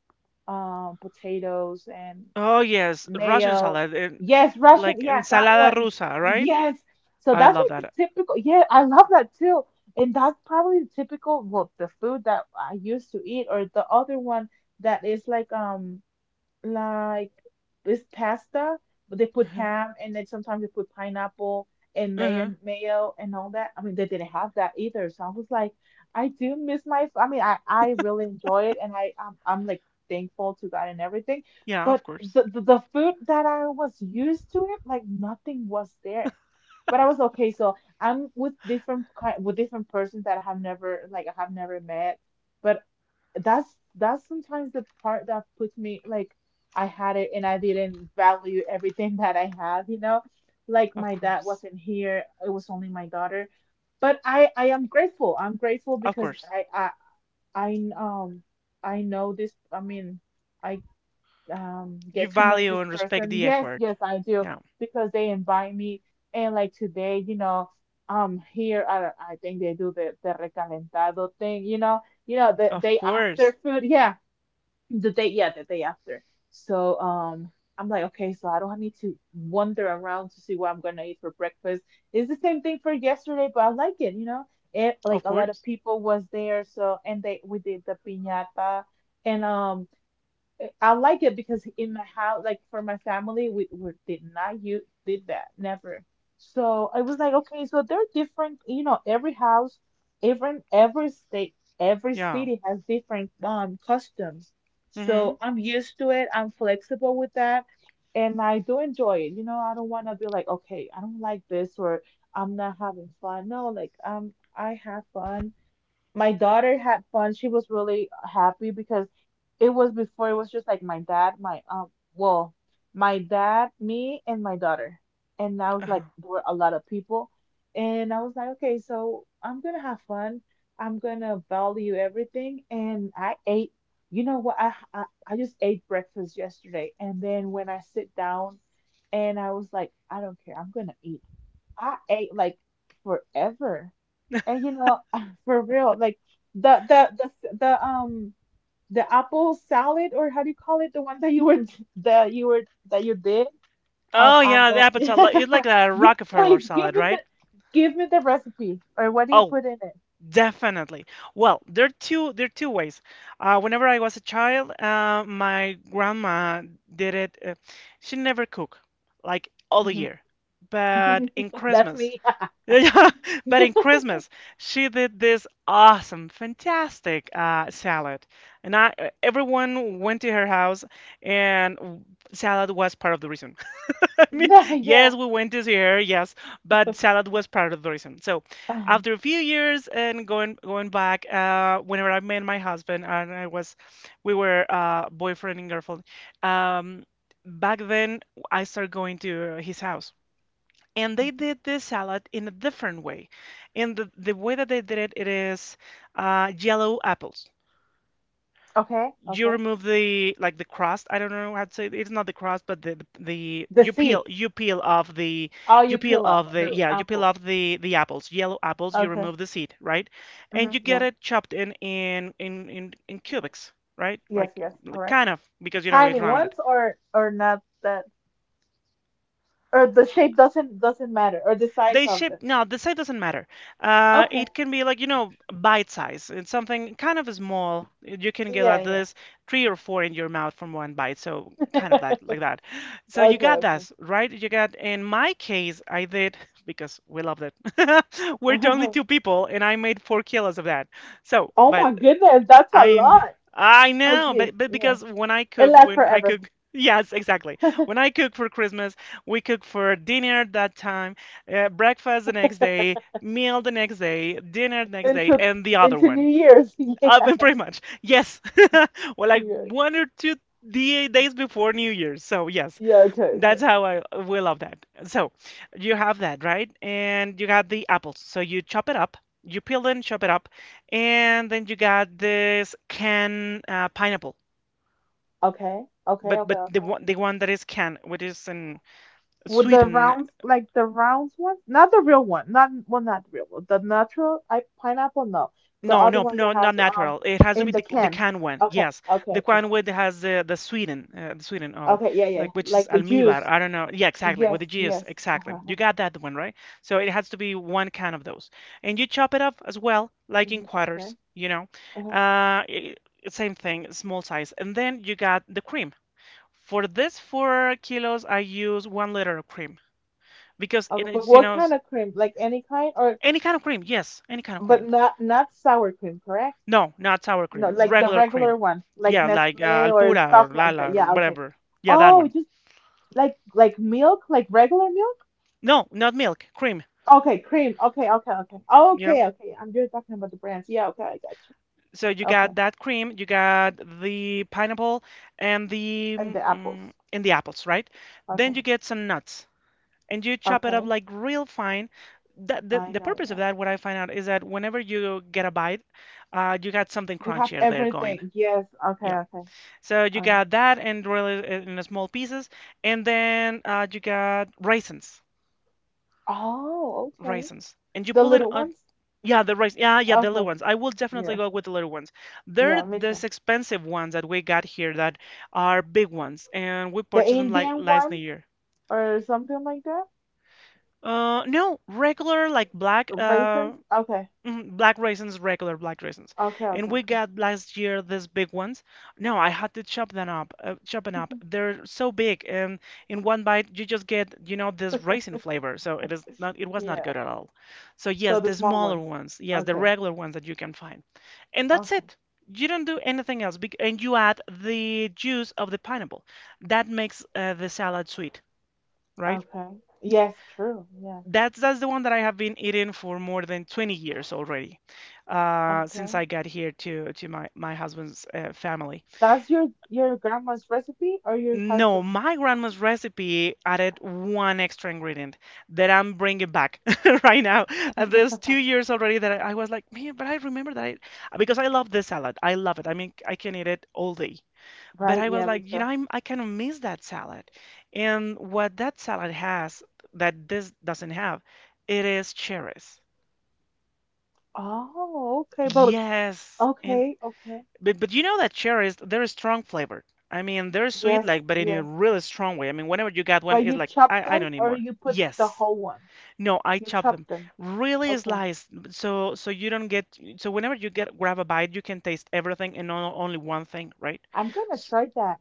[SPEAKER 2] potatoes and
[SPEAKER 1] Oh yes, Russian
[SPEAKER 2] mayo.
[SPEAKER 1] salad, and
[SPEAKER 2] Yes, Russian.
[SPEAKER 1] like
[SPEAKER 2] Yeah, that
[SPEAKER 1] ensalada
[SPEAKER 2] one.
[SPEAKER 1] rusa, right?
[SPEAKER 2] Yes. So
[SPEAKER 1] I
[SPEAKER 2] that's
[SPEAKER 1] love
[SPEAKER 2] like
[SPEAKER 1] that.
[SPEAKER 2] the typical. Yeah, I love that too. And that's probably the typical, well, the food that I used to eat, or the other one that is like this pasta, but they put
[SPEAKER 1] Uh-huh.
[SPEAKER 2] ham and then sometimes they put pineapple and mayo,
[SPEAKER 1] Uh-huh.
[SPEAKER 2] mayo and all that. I mean, they didn't have that either. So I was like, I do miss my. I mean, I really enjoy it, and I I'm like thankful to God and everything.
[SPEAKER 1] Yeah, of
[SPEAKER 2] But
[SPEAKER 1] course,
[SPEAKER 2] the food that I was used to it, like nothing was there. But I was okay. So I'm with different kind with different persons that I have never like I have never met. But that's sometimes the part that puts me like I had it and I didn't value everything (laughs) that I have, you know? Like
[SPEAKER 1] of
[SPEAKER 2] my dad
[SPEAKER 1] course.
[SPEAKER 2] wasn't here, it was only my daughter. But I am grateful. I'm grateful
[SPEAKER 1] Of
[SPEAKER 2] because
[SPEAKER 1] course.
[SPEAKER 2] I um I know this I mean I
[SPEAKER 1] You
[SPEAKER 2] get to know
[SPEAKER 1] value
[SPEAKER 2] this
[SPEAKER 1] and respect
[SPEAKER 2] person
[SPEAKER 1] the
[SPEAKER 2] yes
[SPEAKER 1] effort.
[SPEAKER 2] yes I do
[SPEAKER 1] Yeah.
[SPEAKER 2] because they invite me and like today you know here I think they do the recalentado thing you know the
[SPEAKER 1] Of
[SPEAKER 2] day
[SPEAKER 1] course.
[SPEAKER 2] after food yeah the day after so I'm like okay so I don't need to wander around to see what I'm gonna eat for breakfast it's the same thing for yesterday but I like it you know it like
[SPEAKER 1] Of
[SPEAKER 2] a lot of
[SPEAKER 1] course.
[SPEAKER 2] people was there so and they we did the piñata and I like it because in my house, like for my family, we did not use did that, never. So I was like, okay, so they're different, you know, every house, every state, every
[SPEAKER 1] Yeah.
[SPEAKER 2] city has different customs.
[SPEAKER 1] Mm-hmm.
[SPEAKER 2] So I'm used to it, I'm flexible with that, and I do enjoy it. You know, I don't want to be like, okay, I don't like this or I'm not having fun. No, like I have fun my daughter had fun. She was really happy because it was before it was just like my dad, my well, my dad, me, and my daughter. And I was like,
[SPEAKER 1] Uh-huh.
[SPEAKER 2] there were a lot of people, and I was like, okay, so I'm gonna have fun. I'm gonna value everything, and I ate. You know what? I just ate breakfast yesterday, and then when I sit down, and I was like, I don't care. I'm gonna eat. I ate like forever. And you know, (laughs) for real, like the the the apple salad or how do you call it? The one that you were (laughs) that you were that you did.
[SPEAKER 1] Oh,
[SPEAKER 2] I
[SPEAKER 1] yeah, the
[SPEAKER 2] got
[SPEAKER 1] apple salad. Like, it's like a
[SPEAKER 2] (laughs) you.
[SPEAKER 1] Rockefeller
[SPEAKER 2] Please
[SPEAKER 1] salad, right?
[SPEAKER 2] give me the recipe or what do you
[SPEAKER 1] Oh,
[SPEAKER 2] put in it?
[SPEAKER 1] definitely. Well, there are two ways. Whenever I was a child, my grandma did it. She never cooked like all the year, but
[SPEAKER 2] Mhm.
[SPEAKER 1] in
[SPEAKER 2] (laughs) That's
[SPEAKER 1] Christmas.
[SPEAKER 2] me.
[SPEAKER 1] Yeah, yeah. (laughs) But in
[SPEAKER 2] (laughs)
[SPEAKER 1] Christmas, she did this awesome, fantastic salad, and I everyone went to her house, and salad was part of the reason. (laughs) I mean,
[SPEAKER 2] Yeah.
[SPEAKER 1] yes, we went to see her, yes, but
[SPEAKER 2] (sighs)
[SPEAKER 1] salad was part of the reason. So,
[SPEAKER 2] Uh,
[SPEAKER 1] after a few years and going back, whenever I met my husband and we were, boyfriend and girlfriend. Um, back then, I started going to his house, and they did this salad in a different way. And the way that they did it, it is, yellow apples.
[SPEAKER 2] okay,
[SPEAKER 1] You
[SPEAKER 2] okay.
[SPEAKER 1] remove the, like, the crust. I don't know how to say it. It's not the crust, but the
[SPEAKER 2] The seeds. All you peel off the
[SPEAKER 1] you peel
[SPEAKER 2] apple.
[SPEAKER 1] off the apples, yellow apples. You
[SPEAKER 2] Okay.
[SPEAKER 1] remove the seed, right? And
[SPEAKER 2] Hmm.
[SPEAKER 1] you get
[SPEAKER 2] Yeah.
[SPEAKER 1] it chopped in cubics, right? Like,
[SPEAKER 2] Yes, yes, correct.
[SPEAKER 1] kind of, because you know it's
[SPEAKER 2] Tiny
[SPEAKER 1] rounded.
[SPEAKER 2] ones or not that or the shape doesn't matter or the size of them.
[SPEAKER 1] No, the size doesn't matter.
[SPEAKER 2] Okay.
[SPEAKER 1] It can be like, bite size. It's something kind of small. You can get like
[SPEAKER 2] Yeah,
[SPEAKER 1] this three or four in your mouth from one bite. So kind
[SPEAKER 2] yeah.
[SPEAKER 1] of that, like
[SPEAKER 2] (laughs)
[SPEAKER 1] that. So you
[SPEAKER 2] Okay,
[SPEAKER 1] got
[SPEAKER 2] okay.
[SPEAKER 1] that, right? You got, in my case, I did (laughs) because we loved it. (laughs) We're the only two
[SPEAKER 2] (laughs)
[SPEAKER 1] people, and I made 4 kilos of that. So,
[SPEAKER 2] Oh
[SPEAKER 1] but
[SPEAKER 2] my goodness, that's a
[SPEAKER 1] I kn-
[SPEAKER 2] lot.
[SPEAKER 1] I know,
[SPEAKER 2] Okay,
[SPEAKER 1] but
[SPEAKER 2] yeah.
[SPEAKER 1] because when I
[SPEAKER 2] It
[SPEAKER 1] cook,
[SPEAKER 2] lasts forever.
[SPEAKER 1] yes, exactly. When I cook for Christmas, we cook for dinner that time, breakfast the next day, meal the next day, dinner the next day,
[SPEAKER 2] Into
[SPEAKER 1] and the other
[SPEAKER 2] into New
[SPEAKER 1] one.
[SPEAKER 2] Year's. (laughs) Yeah.
[SPEAKER 1] (laughs) Pretty much. Yes. (laughs) Well, like
[SPEAKER 2] Yeah.
[SPEAKER 1] one or two days before New Year's. So, yes.
[SPEAKER 2] Yeah, okay,
[SPEAKER 1] That's
[SPEAKER 2] okay.
[SPEAKER 1] how I we love that. So, you have that, right? And you got the apples. So, you chop it up, you peel them, chop it up, and then you got this can, pineapple.
[SPEAKER 2] Okay, okay,
[SPEAKER 1] But
[SPEAKER 2] okay,
[SPEAKER 1] but the
[SPEAKER 2] okay.
[SPEAKER 1] one the one that is canned, which is in
[SPEAKER 2] With the
[SPEAKER 1] Sweden.
[SPEAKER 2] rounds, like the rounds one, not the real one, not well, not the real one, the natural I pineapple, no, the
[SPEAKER 1] No,
[SPEAKER 2] other
[SPEAKER 1] no,
[SPEAKER 2] one that
[SPEAKER 1] no,
[SPEAKER 2] has
[SPEAKER 1] not natural. It has to
[SPEAKER 2] in
[SPEAKER 1] be
[SPEAKER 2] the
[SPEAKER 1] the
[SPEAKER 2] can.
[SPEAKER 1] canned one.
[SPEAKER 2] Okay,
[SPEAKER 1] Yes,
[SPEAKER 2] okay,
[SPEAKER 1] the
[SPEAKER 2] okay.
[SPEAKER 1] canned one that has the sweeten, the sweeten all,
[SPEAKER 2] Okay, yeah, yeah,
[SPEAKER 1] like, which is
[SPEAKER 2] like the
[SPEAKER 1] almíbar.
[SPEAKER 2] juice.
[SPEAKER 1] I don't know. Yeah, exactly. With
[SPEAKER 2] Yes,
[SPEAKER 1] the juice,
[SPEAKER 2] yes.
[SPEAKER 1] exactly.
[SPEAKER 2] Uh-huh, uh-huh.
[SPEAKER 1] You got that one right. So it has to be one can of those, and you chop it up as well, like in
[SPEAKER 2] Mhm, okay.
[SPEAKER 1] quarters. You know,
[SPEAKER 2] Uh-huh.
[SPEAKER 1] uh, i- same thing, small size, and then you got the cream. For this 4 kilos, I use 1 liter of cream because it
[SPEAKER 2] Okay, but
[SPEAKER 1] is,
[SPEAKER 2] what kind of cream? Like any kind, or
[SPEAKER 1] any kind of cream. Yes, any kind of
[SPEAKER 2] but
[SPEAKER 1] cream.
[SPEAKER 2] not not sour cream, correct?
[SPEAKER 1] No, not sour
[SPEAKER 2] No,
[SPEAKER 1] cream.
[SPEAKER 2] like the
[SPEAKER 1] Regular
[SPEAKER 2] regular
[SPEAKER 1] cream.
[SPEAKER 2] one, like
[SPEAKER 1] Yeah, like,
[SPEAKER 2] Nestle or
[SPEAKER 1] Alpura
[SPEAKER 2] stuff
[SPEAKER 1] or
[SPEAKER 2] like that.
[SPEAKER 1] Lala or
[SPEAKER 2] Yeah, okay.
[SPEAKER 1] whatever. Yeah, that
[SPEAKER 2] Oh,
[SPEAKER 1] one.
[SPEAKER 2] just like milk, like regular milk.
[SPEAKER 1] No, not milk. Cream.
[SPEAKER 2] Okay, cream. Okay, okay, okay.
[SPEAKER 1] You know.
[SPEAKER 2] Okay, okay. I'm just talking about the brands. Yeah, okay, I got you.
[SPEAKER 1] So you
[SPEAKER 2] Okay,
[SPEAKER 1] got that cream, you got the pineapple and the
[SPEAKER 2] and the apples.
[SPEAKER 1] and the apples, right? Then
[SPEAKER 2] Okay,
[SPEAKER 1] you get some nuts and you chop it up
[SPEAKER 2] okay.
[SPEAKER 1] like real fine. That, the,
[SPEAKER 2] I
[SPEAKER 1] the
[SPEAKER 2] know.
[SPEAKER 1] purpose of
[SPEAKER 2] Yeah,
[SPEAKER 1] that, what I find out, is that whenever you get a bite, you got something
[SPEAKER 2] you have
[SPEAKER 1] crunchier there going.
[SPEAKER 2] everything. Yes. Okay,
[SPEAKER 1] Yeah.
[SPEAKER 2] okay.
[SPEAKER 1] So you
[SPEAKER 2] All right.
[SPEAKER 1] got that and really, in small pieces, and then you got raisins,
[SPEAKER 2] Oh, okay.
[SPEAKER 1] raisins, and you
[SPEAKER 2] The
[SPEAKER 1] pull in.
[SPEAKER 2] little ones?
[SPEAKER 1] Yeah, the rice. Yeah, yeah, the
[SPEAKER 2] Okay.
[SPEAKER 1] little ones. I will definitely
[SPEAKER 2] Yeah.
[SPEAKER 1] go with the little ones. They're
[SPEAKER 2] Yeah, me too.
[SPEAKER 1] these expensive ones that we got here that are big ones, and we
[SPEAKER 2] The
[SPEAKER 1] purchased them like
[SPEAKER 2] Indian
[SPEAKER 1] last
[SPEAKER 2] one
[SPEAKER 1] year.
[SPEAKER 2] or something like that?
[SPEAKER 1] No, regular, like, black,
[SPEAKER 2] Raisins? Okay.
[SPEAKER 1] Mhm, Black raisins, regular black raisins.
[SPEAKER 2] Okay,
[SPEAKER 1] And
[SPEAKER 2] okay,
[SPEAKER 1] we
[SPEAKER 2] okay.
[SPEAKER 1] got last year these big ones. No, I had to chop them up, chop them up. They're so big, and in one bite you just get, this raisin flavor. So it was not
[SPEAKER 2] Yeah.
[SPEAKER 1] good at all. So yes,
[SPEAKER 2] So the
[SPEAKER 1] the
[SPEAKER 2] small
[SPEAKER 1] smaller
[SPEAKER 2] ones.
[SPEAKER 1] ones, yes, the
[SPEAKER 2] Okay.
[SPEAKER 1] regular ones that you can find, and that's
[SPEAKER 2] Okay.
[SPEAKER 1] it. You don't do anything else, and you add the juice of the pineapple. That makes the salad sweet, right?
[SPEAKER 2] Okay. Yes, true. Yeah.
[SPEAKER 1] That's the one that I have been eating for more than 20 years already, since
[SPEAKER 2] Okay.
[SPEAKER 1] I got here to my husband's family.
[SPEAKER 2] That's your grandma's recipe or your
[SPEAKER 1] No,
[SPEAKER 2] husband's?
[SPEAKER 1] my grandma's recipe added one extra ingredient that I'm bringing back (laughs) right now. And there's two
[SPEAKER 2] (laughs)
[SPEAKER 1] years already that I was like, man, but I remember that I, because I love this salad. I love it. I mean, I can eat it all day. But
[SPEAKER 2] Right?
[SPEAKER 1] I was
[SPEAKER 2] Yeah, me
[SPEAKER 1] like,
[SPEAKER 2] too.
[SPEAKER 1] I kind of miss that salad. And what that salad has that this doesn't have, it is cherries.
[SPEAKER 2] Oh, okay. But
[SPEAKER 1] Yes, and
[SPEAKER 2] okay, okay.
[SPEAKER 1] but you know that cherries they're strong flavored. I mean they're sweet
[SPEAKER 2] Yes,
[SPEAKER 1] like but in a
[SPEAKER 2] yes.
[SPEAKER 1] really strong way. I mean whenever you got one
[SPEAKER 2] But
[SPEAKER 1] it's
[SPEAKER 2] you
[SPEAKER 1] like
[SPEAKER 2] chop
[SPEAKER 1] I don't
[SPEAKER 2] them
[SPEAKER 1] need
[SPEAKER 2] or
[SPEAKER 1] more.
[SPEAKER 2] you put the
[SPEAKER 1] Yes.
[SPEAKER 2] whole one?
[SPEAKER 1] No, I
[SPEAKER 2] You
[SPEAKER 1] chop
[SPEAKER 2] chop
[SPEAKER 1] them.
[SPEAKER 2] them.
[SPEAKER 1] Really
[SPEAKER 2] Okay.
[SPEAKER 1] sliced so you don't get so whenever you get grab a bite you can taste everything and not only one thing, right?
[SPEAKER 2] I'm gonna try that.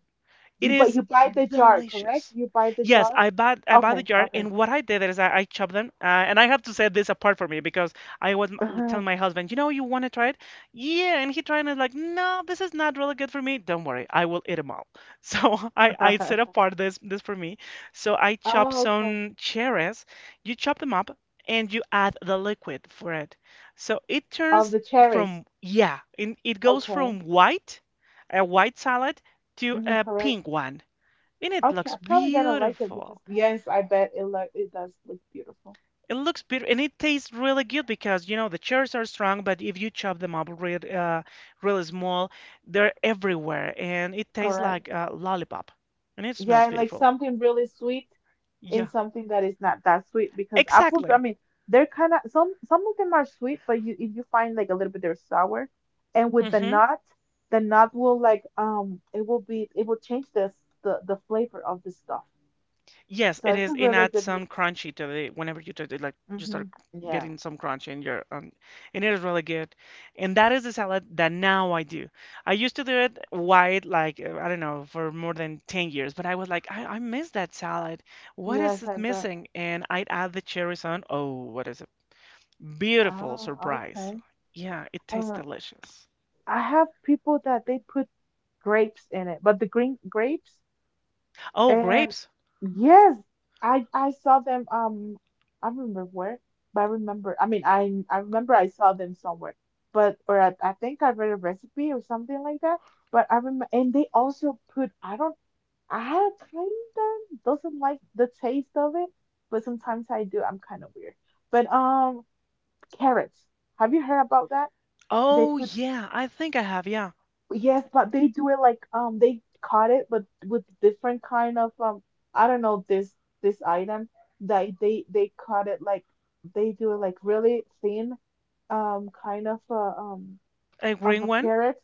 [SPEAKER 1] It
[SPEAKER 2] You but
[SPEAKER 1] is
[SPEAKER 2] you buy the jar, correct?
[SPEAKER 1] delicious.
[SPEAKER 2] You buy the
[SPEAKER 1] Yes,
[SPEAKER 2] jar?
[SPEAKER 1] I bought the
[SPEAKER 2] Okay,
[SPEAKER 1] jar,
[SPEAKER 2] okay.
[SPEAKER 1] and what I did is I chopped them, and I have to set this apart for me because telling my
[SPEAKER 2] (laughs)
[SPEAKER 1] husband, you know, you want to try it? Yeah, and he tried and is like, no, this is not really good for me. Don't worry, I will eat them all. (laughs) So I set apart this for me. So I chop
[SPEAKER 2] Oh, okay.
[SPEAKER 1] some cherries, you chop them up, and you add the liquid for it. So it
[SPEAKER 2] Of
[SPEAKER 1] turns
[SPEAKER 2] the cherries.
[SPEAKER 1] from yeah, it goes
[SPEAKER 2] Okay.
[SPEAKER 1] from white, a white salad to
[SPEAKER 2] Hmm,
[SPEAKER 1] a pink
[SPEAKER 2] correct.
[SPEAKER 1] one. And it
[SPEAKER 2] Okay,
[SPEAKER 1] looks
[SPEAKER 2] I'm probably gonna like it because
[SPEAKER 1] beautiful.
[SPEAKER 2] yes, I bet it lo it does look beautiful.
[SPEAKER 1] It looks beautiful and it tastes really good because you know the cherries are strong, but if you chop them up really small, they're everywhere and it tastes
[SPEAKER 2] Correct.
[SPEAKER 1] like a lollipop and it
[SPEAKER 2] Yeah,
[SPEAKER 1] smells
[SPEAKER 2] and like
[SPEAKER 1] beautiful.
[SPEAKER 2] something really sweet. In
[SPEAKER 1] Yeah,
[SPEAKER 2] something that is not that sweet because apples, I
[SPEAKER 1] exactly.
[SPEAKER 2] mean, they're kind of some of them are sweet, but you if you find like a little bit they're sour, and with
[SPEAKER 1] Hmm.
[SPEAKER 2] the nut will it will be it will change this the flavor of the stuff.
[SPEAKER 1] Yes,
[SPEAKER 2] So
[SPEAKER 1] it
[SPEAKER 2] it's
[SPEAKER 1] is.
[SPEAKER 2] a
[SPEAKER 1] It
[SPEAKER 2] really
[SPEAKER 1] adds
[SPEAKER 2] good
[SPEAKER 1] some
[SPEAKER 2] mix.
[SPEAKER 1] crunchy to the whenever you touch it, like you start
[SPEAKER 2] Mhm. Yeah.
[SPEAKER 1] getting some crunch in your and it is really good. And that is the salad that now I do. I used to do it white, like I don't know, for more than 10 years, but I was like, I miss that salad. What is
[SPEAKER 2] Yes,
[SPEAKER 1] it
[SPEAKER 2] I bet.
[SPEAKER 1] missing? And I'd add the cherries on. Oh, what is it? Beautiful
[SPEAKER 2] Ah,
[SPEAKER 1] surprise.
[SPEAKER 2] okay.
[SPEAKER 1] Yeah, it tastes
[SPEAKER 2] Uh,
[SPEAKER 1] delicious.
[SPEAKER 2] I have people that they put grapes in it, but the green grapes.
[SPEAKER 1] Oh,
[SPEAKER 2] And
[SPEAKER 1] grapes.
[SPEAKER 2] yes, I saw them. I don't remember where, but I remember. I mean, I remember I saw them somewhere, but or I think I read a recipe or something like that. But I remember, and they also put. I don't. I kind of doesn't like the taste of it, but sometimes I do. I'm kind of weird. But carrots. Have you heard about that? They
[SPEAKER 1] Oh,
[SPEAKER 2] put.
[SPEAKER 1] yeah, I think I have, yeah.
[SPEAKER 2] Yes, but they do it like they caught it, but with different kind of I don't know this this item that they caught it like they do it like really thin kind
[SPEAKER 1] A
[SPEAKER 2] of
[SPEAKER 1] green
[SPEAKER 2] a
[SPEAKER 1] one.
[SPEAKER 2] carrot,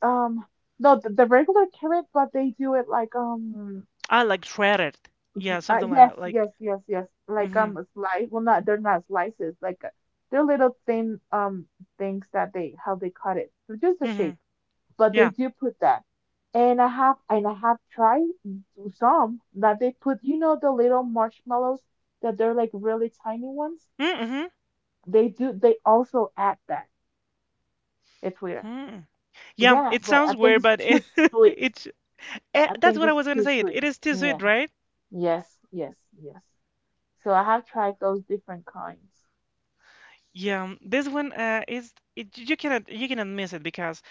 [SPEAKER 2] um no, the regular carrot but they do it like
[SPEAKER 1] I like shredded. Yeah, something like
[SPEAKER 2] yes
[SPEAKER 1] that.
[SPEAKER 2] yes
[SPEAKER 1] Like.
[SPEAKER 2] yes yes like
[SPEAKER 1] Hmm.
[SPEAKER 2] a slice, well not they're not slices like they're little thin things that they how they cut it. So just the
[SPEAKER 1] Hmm.
[SPEAKER 2] shape, but they
[SPEAKER 1] Yeah.
[SPEAKER 2] do put that. And I have tried some that they put, you know, the little marshmallows that they're like really tiny ones.
[SPEAKER 1] Mm-hmm.
[SPEAKER 2] They do they also add that. It's weird.
[SPEAKER 1] Hmm. Yeah,
[SPEAKER 2] Yeah,
[SPEAKER 1] it
[SPEAKER 2] but I
[SPEAKER 1] sounds
[SPEAKER 2] think
[SPEAKER 1] weird,
[SPEAKER 2] it's
[SPEAKER 1] but
[SPEAKER 2] too
[SPEAKER 1] it, (laughs)
[SPEAKER 2] sweet.
[SPEAKER 1] it's
[SPEAKER 2] I
[SPEAKER 1] that's
[SPEAKER 2] think
[SPEAKER 1] what I
[SPEAKER 2] it's
[SPEAKER 1] was
[SPEAKER 2] too
[SPEAKER 1] gonna say.
[SPEAKER 2] sweet.
[SPEAKER 1] It is too sweet,
[SPEAKER 2] Yeah.
[SPEAKER 1] right?
[SPEAKER 2] Yes, yes, yes. So I have tried those different kinds.
[SPEAKER 1] Yeah, this one is it, you cannot miss it because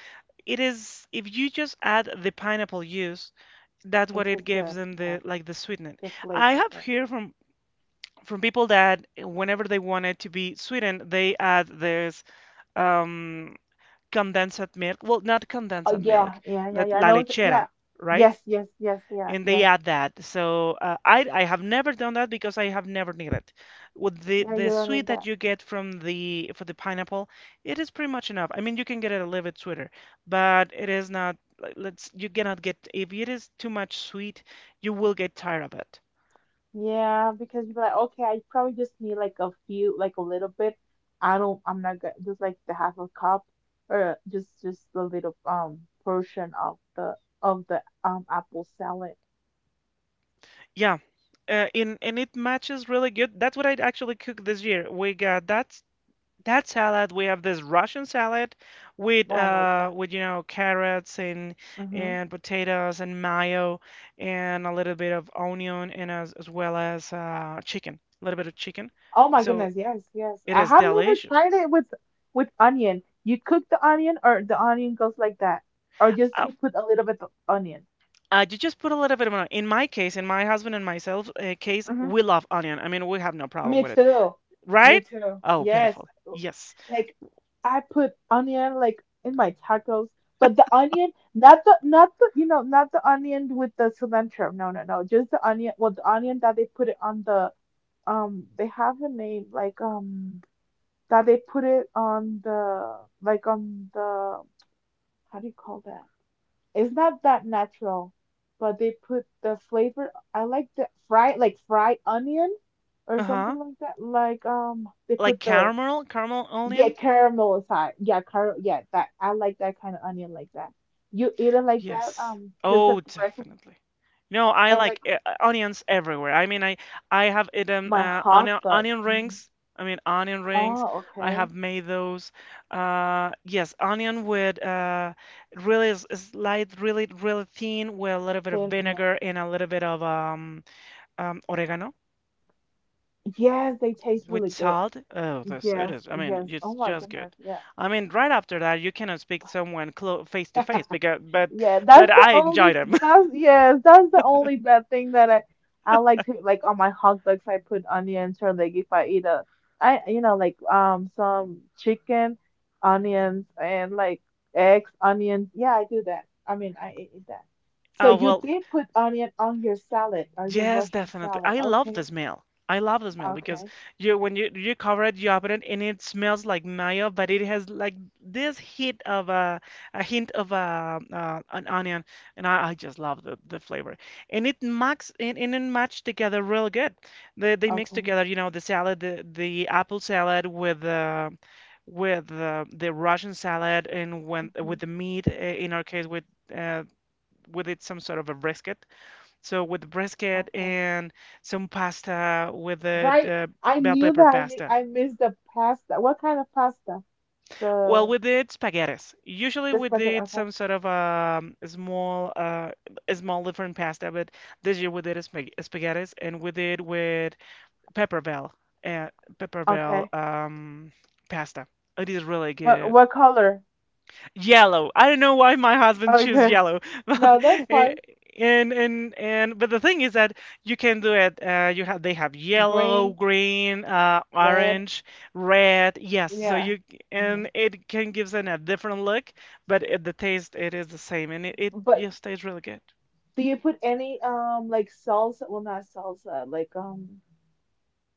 [SPEAKER 1] it is if you just add the pineapple juice, that's
[SPEAKER 2] It
[SPEAKER 1] what it
[SPEAKER 2] tastes
[SPEAKER 1] gives
[SPEAKER 2] good.
[SPEAKER 1] them
[SPEAKER 2] Yeah.
[SPEAKER 1] the like the sweetness.
[SPEAKER 2] The
[SPEAKER 1] I
[SPEAKER 2] flavor.
[SPEAKER 1] have
[SPEAKER 2] Yeah.
[SPEAKER 1] heard from people that whenever they want it to be sweetened, they add this um condensed milk. Well, not
[SPEAKER 2] Oh
[SPEAKER 1] condensed milk,
[SPEAKER 2] yeah, yeah, yeah, yeah. I
[SPEAKER 1] la
[SPEAKER 2] know.
[SPEAKER 1] lechera,
[SPEAKER 2] Yeah.
[SPEAKER 1] right?
[SPEAKER 2] Yes, yes, yes, yeah,
[SPEAKER 1] And they
[SPEAKER 2] yes.
[SPEAKER 1] add that. So I have never done that because I have never needed. With the
[SPEAKER 2] Yeah, you don't
[SPEAKER 1] sweet
[SPEAKER 2] need
[SPEAKER 1] that
[SPEAKER 2] that.
[SPEAKER 1] you get from the for the pineapple, it is pretty much enough. I mean, you can get it a little bit sweeter, but it is not. Like, let's you cannot get if it is too much sweet, you will get tired of it.
[SPEAKER 2] Yeah, because you're like, okay, I probably just need like a few, like a little bit. I don't, I'm not gonna just like the half a cup or just a little portion of the apple salad.
[SPEAKER 1] Yeah, and it matches really good. That's what I actually cooked this year. We got that salad. We have this Russian salad
[SPEAKER 2] Well, I like that.
[SPEAKER 1] with you know carrots and
[SPEAKER 2] Mm-hmm.
[SPEAKER 1] potatoes and mayo and a little bit of onion and as well as chicken, a little bit of chicken.
[SPEAKER 2] Oh my
[SPEAKER 1] So
[SPEAKER 2] goodness, yes, yes.
[SPEAKER 1] it
[SPEAKER 2] I
[SPEAKER 1] is
[SPEAKER 2] have never
[SPEAKER 1] delicious.
[SPEAKER 2] tried it with onion. You cook the onion, or the onion goes like that, or just
[SPEAKER 1] Oh,
[SPEAKER 2] you put a little bit of onion.
[SPEAKER 1] you just put a little bit of onion. In my case, in my husband and myself case, we love onion. I mean, we have no problem
[SPEAKER 2] Me
[SPEAKER 1] with it,
[SPEAKER 2] too. Me
[SPEAKER 1] right?
[SPEAKER 2] too.
[SPEAKER 1] Oh,
[SPEAKER 2] Yes.
[SPEAKER 1] beautiful. Yes.
[SPEAKER 2] Like I put onion like in my tacos, but the onion, not the you know, not the onion with the cilantro. No, no, no. Just the onion, well, the onion that they put it on the they have a name like that they put it on the like on the how do you call that? It's not that natural, but they put the flavor. I like the fried like fried onion or something
[SPEAKER 1] Uh-huh.
[SPEAKER 2] like that. Like they
[SPEAKER 1] Like
[SPEAKER 2] put the
[SPEAKER 1] caramel, caramel
[SPEAKER 2] yeah
[SPEAKER 1] onion?
[SPEAKER 2] caramel aside. Yeah, car yeah that I like that kind of onion like that. You eat it like that
[SPEAKER 1] Yes.
[SPEAKER 2] just a
[SPEAKER 1] Oh,
[SPEAKER 2] breakfast
[SPEAKER 1] definitely. No, I
[SPEAKER 2] and
[SPEAKER 1] like
[SPEAKER 2] like
[SPEAKER 1] onions everywhere. I mean, I have eaten
[SPEAKER 2] my hot dogs.
[SPEAKER 1] onion
[SPEAKER 2] Mm.
[SPEAKER 1] rings. I mean, onion rings.
[SPEAKER 2] Oh
[SPEAKER 1] I
[SPEAKER 2] okay.
[SPEAKER 1] have made those. Yes, onion with slight, really thin with a little bit of
[SPEAKER 2] Then yeah.
[SPEAKER 1] vinegar and a little bit of oregano.
[SPEAKER 2] Yes, they taste
[SPEAKER 1] With
[SPEAKER 2] really good.
[SPEAKER 1] salt? Oh, this it
[SPEAKER 2] Yes,
[SPEAKER 1] is. I mean,
[SPEAKER 2] yes. Oh
[SPEAKER 1] it's
[SPEAKER 2] my
[SPEAKER 1] just good.
[SPEAKER 2] goodness. Yeah.
[SPEAKER 1] I mean, right after that, you cannot speak someone close face to face
[SPEAKER 2] Yeah,
[SPEAKER 1] but
[SPEAKER 2] that's the
[SPEAKER 1] I enjoy
[SPEAKER 2] only
[SPEAKER 1] them. (laughs)
[SPEAKER 2] that's yes, that's the only bad thing that I. I like to like on my hot dogs I put onions or like if I eat a I you know like some chicken, onions and like eggs, onions. Yeah, I do that. I mean, I eat that. So
[SPEAKER 1] Oh
[SPEAKER 2] you
[SPEAKER 1] well,
[SPEAKER 2] did put onion on your salad or your
[SPEAKER 1] yes,
[SPEAKER 2] Russian
[SPEAKER 1] definitely.
[SPEAKER 2] salad.
[SPEAKER 1] I love
[SPEAKER 2] Okay.
[SPEAKER 1] the smell. I love the smell because
[SPEAKER 2] Okay.
[SPEAKER 1] you when you cover it, you open it, and it smells like mayo, but it has like this hint of a hint of a an onion, and I just love the flavor. And it match together real good. They mix
[SPEAKER 2] Okay.
[SPEAKER 1] together, you know, the salad, the apple salad with the with the Russian salad and when
[SPEAKER 2] Hmm.
[SPEAKER 1] with the meat. In our case, uh, with it some sort of a brisket so with the brisket
[SPEAKER 2] Okay.
[SPEAKER 1] and some pasta with the
[SPEAKER 2] Right. I
[SPEAKER 1] bell
[SPEAKER 2] knew
[SPEAKER 1] pepper
[SPEAKER 2] that
[SPEAKER 1] pasta.
[SPEAKER 2] I missed the pasta. What kind of pasta?
[SPEAKER 1] Well,
[SPEAKER 2] The
[SPEAKER 1] we did spaghettis. Usually
[SPEAKER 2] the
[SPEAKER 1] we
[SPEAKER 2] spaghetti.
[SPEAKER 1] did
[SPEAKER 2] Okay.
[SPEAKER 1] some sort of small, a small different pasta, but this year we did a spaghettis and we did with pepper bell, uh, pepper bell
[SPEAKER 2] Okay.
[SPEAKER 1] pasta. It is really good.
[SPEAKER 2] What color?
[SPEAKER 1] Yellow. I don't know why my husband choose
[SPEAKER 2] Okay. (laughs)
[SPEAKER 1] yellow, (laughs) but
[SPEAKER 2] No, that's
[SPEAKER 1] eh,
[SPEAKER 2] fine.
[SPEAKER 1] and but the thing is that you can do it. You have they have yellow,
[SPEAKER 2] Green,
[SPEAKER 1] green,
[SPEAKER 2] red.
[SPEAKER 1] orange, red. Yes, so
[SPEAKER 2] Yeah.
[SPEAKER 1] you
[SPEAKER 2] Hmm.
[SPEAKER 1] and it can gives it a different look, but the taste it is the same, and it
[SPEAKER 2] But
[SPEAKER 1] just tastes really good.
[SPEAKER 2] do you put any like salsa? Well, not salsa. Like.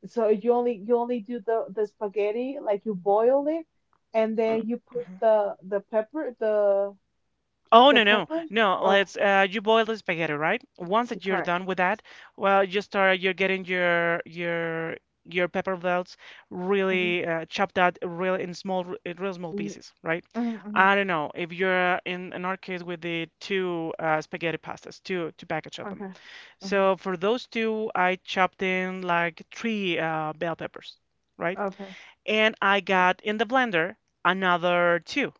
[SPEAKER 2] So you only do the spaghetti like you boil it, and
[SPEAKER 1] Uh,
[SPEAKER 2] then you put
[SPEAKER 1] mhm.
[SPEAKER 2] the pepper
[SPEAKER 1] Oh
[SPEAKER 2] the
[SPEAKER 1] no no
[SPEAKER 2] peppers
[SPEAKER 1] no!
[SPEAKER 2] or
[SPEAKER 1] Let's you boil the spaghetti, right? Once that you're
[SPEAKER 2] correct.
[SPEAKER 1] done with that, well, you're getting your your pepper belts
[SPEAKER 2] Mm-hmm.
[SPEAKER 1] really chopped out really in small in real small pieces, right?
[SPEAKER 2] Mm-hmm.
[SPEAKER 1] I don't know if you're in our case with the two spaghetti pastas, two package of them.
[SPEAKER 2] Okay. Hmm.
[SPEAKER 1] So for those two, I chopped in like three bell peppers, right?
[SPEAKER 2] Okay.
[SPEAKER 1] And I
[SPEAKER 2] Correct.
[SPEAKER 1] got in the blender another two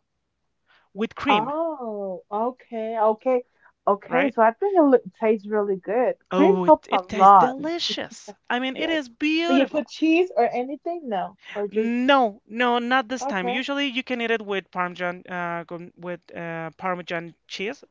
[SPEAKER 1] with cream,
[SPEAKER 2] Oh, okay, okay, okay.
[SPEAKER 1] right?
[SPEAKER 2] So I think it look, tastes really good. Cream
[SPEAKER 1] Oh,
[SPEAKER 2] helps a
[SPEAKER 1] it tastes
[SPEAKER 2] lot.
[SPEAKER 1] delicious. I mean, it
[SPEAKER 2] Yes.
[SPEAKER 1] is
[SPEAKER 2] Do you put
[SPEAKER 1] beautiful.
[SPEAKER 2] cheese or anything? No, or just
[SPEAKER 1] No, no, not this time.
[SPEAKER 2] okay.
[SPEAKER 1] Usually you can eat it with Parmesan, with Parmesan cheese,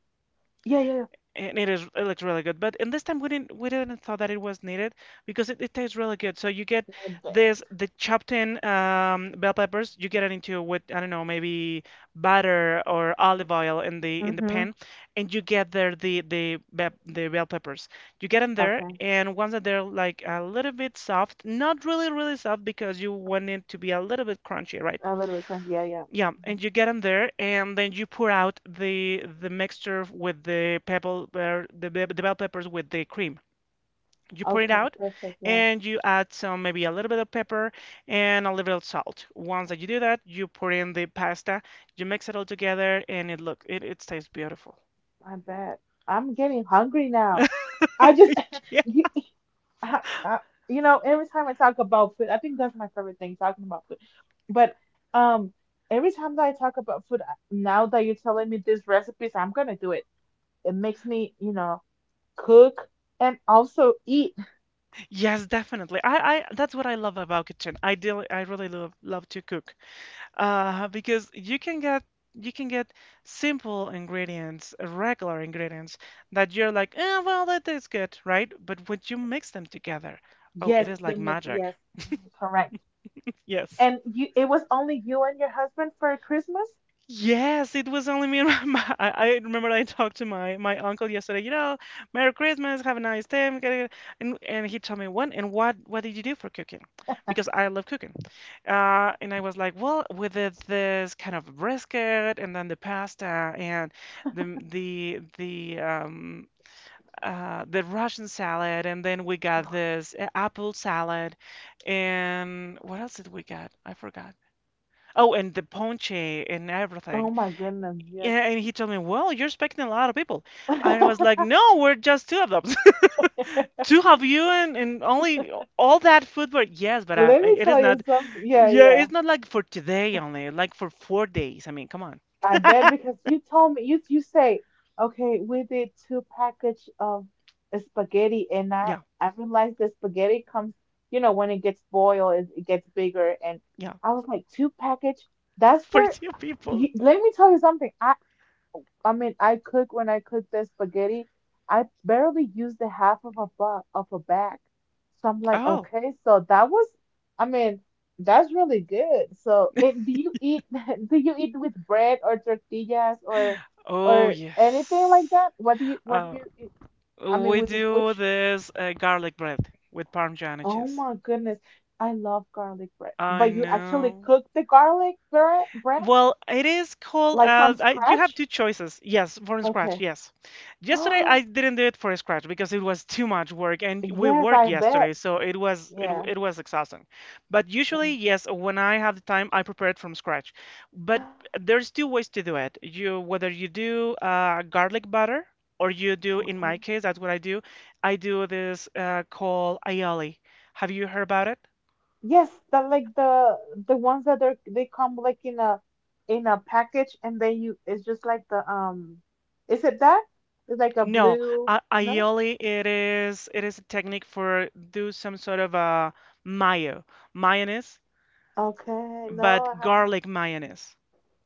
[SPEAKER 2] Yeah, yeah, yeah.
[SPEAKER 1] and it looks really good. But in this time we didn't thought that it was needed because it tastes really good. So you get
[SPEAKER 2] Not
[SPEAKER 1] this
[SPEAKER 2] bad.
[SPEAKER 1] the chopped in bell peppers. You get it into with I don't know maybe butter or olive oil in the
[SPEAKER 2] Mhm.
[SPEAKER 1] pan, and you get there the be the bell peppers. You get them there,
[SPEAKER 2] Okay.
[SPEAKER 1] and once that they're like a little bit soft, not really soft because you want it to be a little bit crunchy, right?
[SPEAKER 2] A little bit crunchy. Yeah, yeah.
[SPEAKER 1] Yeah,
[SPEAKER 2] Mhm.
[SPEAKER 1] and you get them there, and then you pour out the mixture with the pebble, or the bell peppers with the cream. You pour it
[SPEAKER 2] Okay,
[SPEAKER 1] out,
[SPEAKER 2] perfect. Yeah,
[SPEAKER 1] and you add some maybe a little bit of pepper and a little bit of salt. Once that you do that, you pour in the pasta, you mix it all together, and it tastes beautiful. (laughs)
[SPEAKER 2] my bad. I'm getting hungry now. I just
[SPEAKER 1] Yeah,
[SPEAKER 2] (laughs) you, I, I, you know, every time I talk about food, I think that's my favorite thing, talking about food. But um, every time that I talk about food, now that you're telling me these recipes, I'm gonna do it. It makes me, you know, cook and also eat.
[SPEAKER 1] yes, definitely. I that's what I love about kitchen. I do, I really love to cook. Because you can get you can get simple ingredients, regular ingredients that you're like, eh, well, that is good, right? But when you mix them together, oh, it
[SPEAKER 2] Yes,
[SPEAKER 1] is
[SPEAKER 2] the
[SPEAKER 1] like
[SPEAKER 2] mix.
[SPEAKER 1] magic.
[SPEAKER 2] Yes, mhm, correct.
[SPEAKER 1] Yes.
[SPEAKER 2] And you, it was only you and your husband for Christmas?
[SPEAKER 1] Yes, it was only me and (laughs) my I remember I talked to my uncle yesterday, you know, Merry Christmas, have a nice day. And he told me one. And what did you do for cooking? Because I love cooking. And I was like, well, we did this kind of brisket and then the pasta and the the the um the Russian salad and then we got this apple salad and what else did we get? I forgot. Oh, and the ponche and
[SPEAKER 2] Oh
[SPEAKER 1] everything.
[SPEAKER 2] my goodness, yes.
[SPEAKER 1] Yeah, and he told me, "Well, you're expecting a lot of people." I was
[SPEAKER 2] (laughs)
[SPEAKER 1] like, "No, we're just two of them. (laughs) Two of you and, only all that food." But yes, but I,
[SPEAKER 2] Let me
[SPEAKER 1] it is
[SPEAKER 2] tell you
[SPEAKER 1] not.
[SPEAKER 2] something. Yeah,
[SPEAKER 1] Yeah,
[SPEAKER 2] yeah.
[SPEAKER 1] it's not like for today only. Like for 4 days. I mean, come on.
[SPEAKER 2] I bet because you told me you you say, okay, we did two package of spaghetti and
[SPEAKER 1] Yeah,
[SPEAKER 2] I realized the spaghetti comes, you know, when it gets boiled, it gets bigger and
[SPEAKER 1] yeah,
[SPEAKER 2] I was like, two package?
[SPEAKER 1] (laughs)
[SPEAKER 2] That's
[SPEAKER 1] for
[SPEAKER 2] for
[SPEAKER 1] two people.
[SPEAKER 2] let me tell you something. I mean, I cook when I cook the spaghetti. I barely use the half of a bag. So I'm like,
[SPEAKER 1] Oh,
[SPEAKER 2] okay, so that was, I mean, that's really good. So, and do you eat (laughs) do you eat with bread or tortillas
[SPEAKER 1] oh
[SPEAKER 2] or anything like
[SPEAKER 1] yes.
[SPEAKER 2] that? What do
[SPEAKER 1] Uh,
[SPEAKER 2] you eat? I mean,
[SPEAKER 1] we
[SPEAKER 2] with
[SPEAKER 1] do
[SPEAKER 2] which?
[SPEAKER 1] this garlic bread with Parmesan and
[SPEAKER 2] Oh
[SPEAKER 1] cheese.
[SPEAKER 2] my goodness, I love garlic bread.
[SPEAKER 1] I
[SPEAKER 2] But you actually
[SPEAKER 1] know.
[SPEAKER 2] cook the garlic bread
[SPEAKER 1] Well, it is called.
[SPEAKER 2] like from
[SPEAKER 1] You have
[SPEAKER 2] scratch?
[SPEAKER 1] two choices. Yes, from scratch.
[SPEAKER 2] Okay. (gasps)
[SPEAKER 1] Yes. Yesterday I
[SPEAKER 2] Oh,
[SPEAKER 1] didn't do it for scratch because it was too much work, and we
[SPEAKER 2] yes,
[SPEAKER 1] worked
[SPEAKER 2] I
[SPEAKER 1] yesterday,
[SPEAKER 2] bet.
[SPEAKER 1] so it was
[SPEAKER 2] Yeah.
[SPEAKER 1] it was exhausting. But usually,
[SPEAKER 2] Mm.
[SPEAKER 1] yes, when I have the time, I prepare it from scratch. But
[SPEAKER 2] (gasps)
[SPEAKER 1] there's two ways to do it. You whether you do garlic butter or you do, in
[SPEAKER 2] Okay.
[SPEAKER 1] my case, that's what I do. I do this called aioli. Have you heard about it?
[SPEAKER 2] Yes, the like the ones that are they come like in a package and then you it's just like the is it that? It's like a
[SPEAKER 1] No,
[SPEAKER 2] blue
[SPEAKER 1] a
[SPEAKER 2] no?
[SPEAKER 1] aioli it is a technique for do some sort of a mayo mayonnaise,
[SPEAKER 2] Okay, no, I
[SPEAKER 1] but
[SPEAKER 2] haven't
[SPEAKER 1] garlic mayonnaise,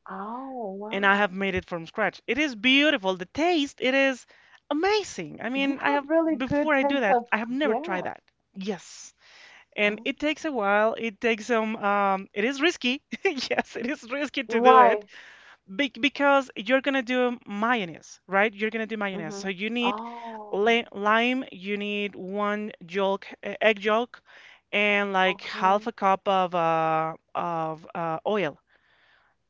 [SPEAKER 2] oh
[SPEAKER 1] and I have
[SPEAKER 2] wow.
[SPEAKER 1] made it from scratch. It is beautiful. The taste, it is amazing. I
[SPEAKER 2] You
[SPEAKER 1] mean, I
[SPEAKER 2] have
[SPEAKER 1] have
[SPEAKER 2] really good
[SPEAKER 1] before I do
[SPEAKER 2] taste
[SPEAKER 1] that,
[SPEAKER 2] of
[SPEAKER 1] I have never tried
[SPEAKER 2] yeah.
[SPEAKER 1] that. Yes, and
[SPEAKER 2] Oh.
[SPEAKER 1] it takes a while. It takes some. It is risky. (laughs) Yes, it is risky to do it,
[SPEAKER 2] Why?
[SPEAKER 1] Be because you're gonna do mayonnaise, right? You're gonna do mayonnaise.
[SPEAKER 2] Mm-hmm.
[SPEAKER 1] So you need
[SPEAKER 2] Oh,
[SPEAKER 1] lime, you need one yolk, egg yolk, and like
[SPEAKER 2] okay.
[SPEAKER 1] half a cup of oil.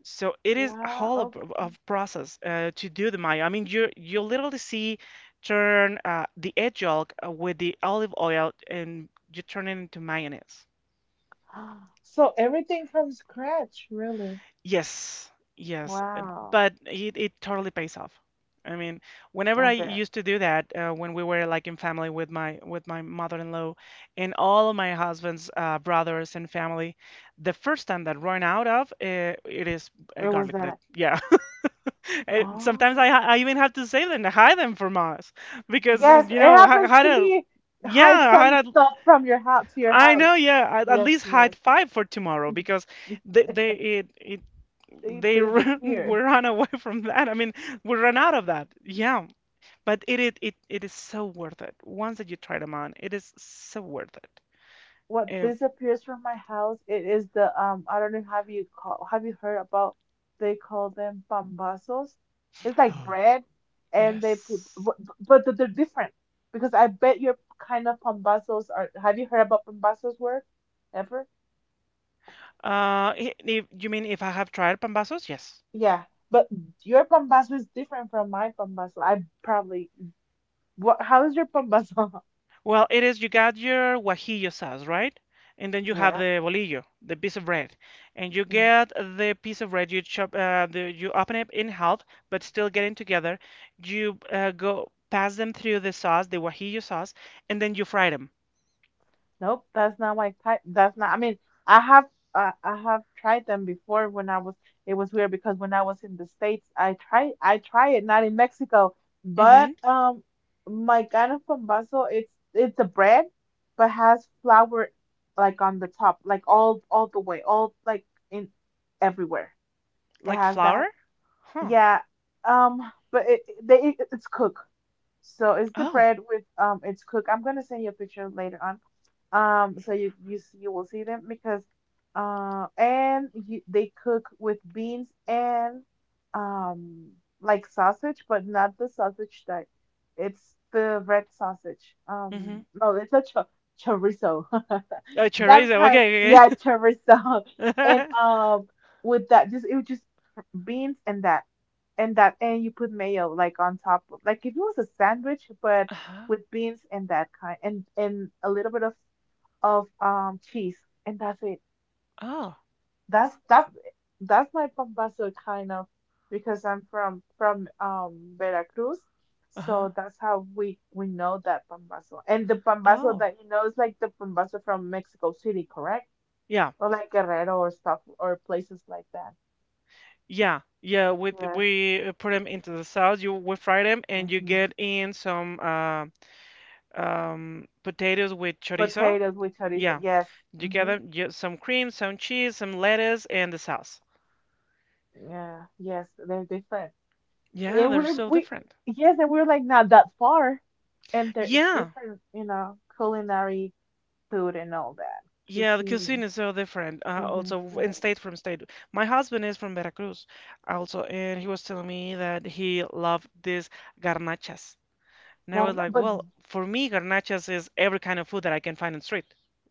[SPEAKER 1] So it is a
[SPEAKER 2] Wow,
[SPEAKER 1] whole of,
[SPEAKER 2] okay.
[SPEAKER 1] of process to do the mayo. I mean, you literally see turn the egg yolk with the olive oil, and you turn it into mayonnaise.
[SPEAKER 2] (gasps) So everything from scratch, really.
[SPEAKER 1] Yes, yes,
[SPEAKER 2] Wow.
[SPEAKER 1] but it totally pays off. I mean, whenever
[SPEAKER 2] I
[SPEAKER 1] I
[SPEAKER 2] bet.
[SPEAKER 1] used to do that, when we were like in family with my mother-in-law and all of my husband's brothers and family, the first time that run out of it is
[SPEAKER 2] It was
[SPEAKER 1] garlic bread.
[SPEAKER 2] that.
[SPEAKER 1] Yeah, (laughs) Sometimes
[SPEAKER 2] Oh,
[SPEAKER 1] I even have to say them to hide them from us because
[SPEAKER 2] yes, it
[SPEAKER 1] you know
[SPEAKER 2] happens
[SPEAKER 1] how
[SPEAKER 2] to
[SPEAKER 1] to
[SPEAKER 2] me. Hide
[SPEAKER 1] yeah
[SPEAKER 2] some
[SPEAKER 1] how to
[SPEAKER 2] stuff from your house to your
[SPEAKER 1] I
[SPEAKER 2] house.
[SPEAKER 1] know, yeah. I'd at
[SPEAKER 2] Yes,
[SPEAKER 1] least
[SPEAKER 2] yes.
[SPEAKER 1] hide five for tomorrow
[SPEAKER 2] (laughs)
[SPEAKER 1] because they it
[SPEAKER 2] They
[SPEAKER 1] they run (laughs) we
[SPEAKER 2] disappear.
[SPEAKER 1] run away from that. I mean, we run out of that. Yeah, but it is so worth it. Once that you try them on, it is so worth it.
[SPEAKER 2] What
[SPEAKER 1] If,
[SPEAKER 2] disappears from my house? It is the. I don't know. Have you call? Have you heard about? They call them pambazos. It's like
[SPEAKER 1] (gasps)
[SPEAKER 2] bread,
[SPEAKER 1] (sighs)
[SPEAKER 2] and they put,
[SPEAKER 1] yes.
[SPEAKER 2] but they're different because I bet your kind of pambazos are. Have you heard about pambazos word ever?
[SPEAKER 1] If you mean if I have tried pambazos? Yes.
[SPEAKER 2] Yeah, but your pambazo is different from my pambazo. I probably what? How is your pambazo? (laughs)
[SPEAKER 1] Well, it is you got your guajillo sauce, right? And then you have
[SPEAKER 2] Yeah,
[SPEAKER 1] the bolillo, the piece of bread. And you
[SPEAKER 2] yeah.
[SPEAKER 1] get the piece of bread, you chop, you open it in half, but still getting together. You go pass them through the sauce, the guajillo sauce, and then you fry them.
[SPEAKER 2] Nope, that's not my type. That's not. I mean, I have I have tried them before when I was. It was weird because when I was in the States, I try it not in Mexico, but
[SPEAKER 1] Mm-hmm.
[SPEAKER 2] my kind of pambazo it's a bread, but has flour like on the top, like all the way, all like in everywhere. It
[SPEAKER 1] Like
[SPEAKER 2] has
[SPEAKER 1] flour?
[SPEAKER 2] that.
[SPEAKER 1] Huh.
[SPEAKER 2] Yeah, um, but it, they it, it's cook. So it's the
[SPEAKER 1] Oh.
[SPEAKER 2] bread with it's cook. I'm gonna send you a picture later on. So you you you will see them because and you, they cook with beans and um like sausage, but not the sausage that it's the red sausage.
[SPEAKER 1] Mm-hmm.
[SPEAKER 2] No, it's a chorizo. (laughs)
[SPEAKER 1] Oh,
[SPEAKER 2] That
[SPEAKER 1] chorizo.
[SPEAKER 2] kind,
[SPEAKER 1] Okay.
[SPEAKER 2] yeah,
[SPEAKER 1] Okay.
[SPEAKER 2] chorizo. (laughs) And
[SPEAKER 1] (laughs)
[SPEAKER 2] with that just it was just beans and that and that and you put mayo like on top of like if it was a sandwich but
[SPEAKER 1] Uh-huh.
[SPEAKER 2] with beans and that kind and a little bit of cheese and that's it
[SPEAKER 1] Oh.
[SPEAKER 2] that's that's that's my pambazo kind of because I'm from Veracruz
[SPEAKER 1] Uh-huh.
[SPEAKER 2] so that's how we know that pambazo and the pambazo
[SPEAKER 1] Oh.
[SPEAKER 2] that you know is like the pambazo from Mexico City, correct?
[SPEAKER 1] Yeah.
[SPEAKER 2] Or like Guerrero or stuff or places like that.
[SPEAKER 1] Yeah, yeah. With
[SPEAKER 2] Yes.
[SPEAKER 1] we put them into the sauce. You we fry them, and you
[SPEAKER 2] Hmm.
[SPEAKER 1] get in some potatoes with chorizo.
[SPEAKER 2] Potatoes with chorizo,
[SPEAKER 1] Yeah,
[SPEAKER 2] yes.
[SPEAKER 1] you get
[SPEAKER 2] Mm-hmm.
[SPEAKER 1] them. You, some cream, some cheese, some lettuce, and the sauce.
[SPEAKER 2] Yeah, yes, they're different.
[SPEAKER 1] Yeah,
[SPEAKER 2] And
[SPEAKER 1] they're
[SPEAKER 2] we're
[SPEAKER 1] so
[SPEAKER 2] we
[SPEAKER 1] different.
[SPEAKER 2] yes, and we're like not that far. And there it's
[SPEAKER 1] Yeah,
[SPEAKER 2] different, you know, culinary food and all that.
[SPEAKER 1] yeah. The
[SPEAKER 2] Cuisine.
[SPEAKER 1] cuisine is so different. Uh,
[SPEAKER 2] Mm-hmm.
[SPEAKER 1] also,
[SPEAKER 2] It
[SPEAKER 1] in
[SPEAKER 2] is.
[SPEAKER 1] state from state. My husband is from Veracruz, also, and he was telling me that he loved these garnachas. And I
[SPEAKER 2] Got
[SPEAKER 1] was like,
[SPEAKER 2] but
[SPEAKER 1] well, for me, garnachas is every kind of food that I can find in street,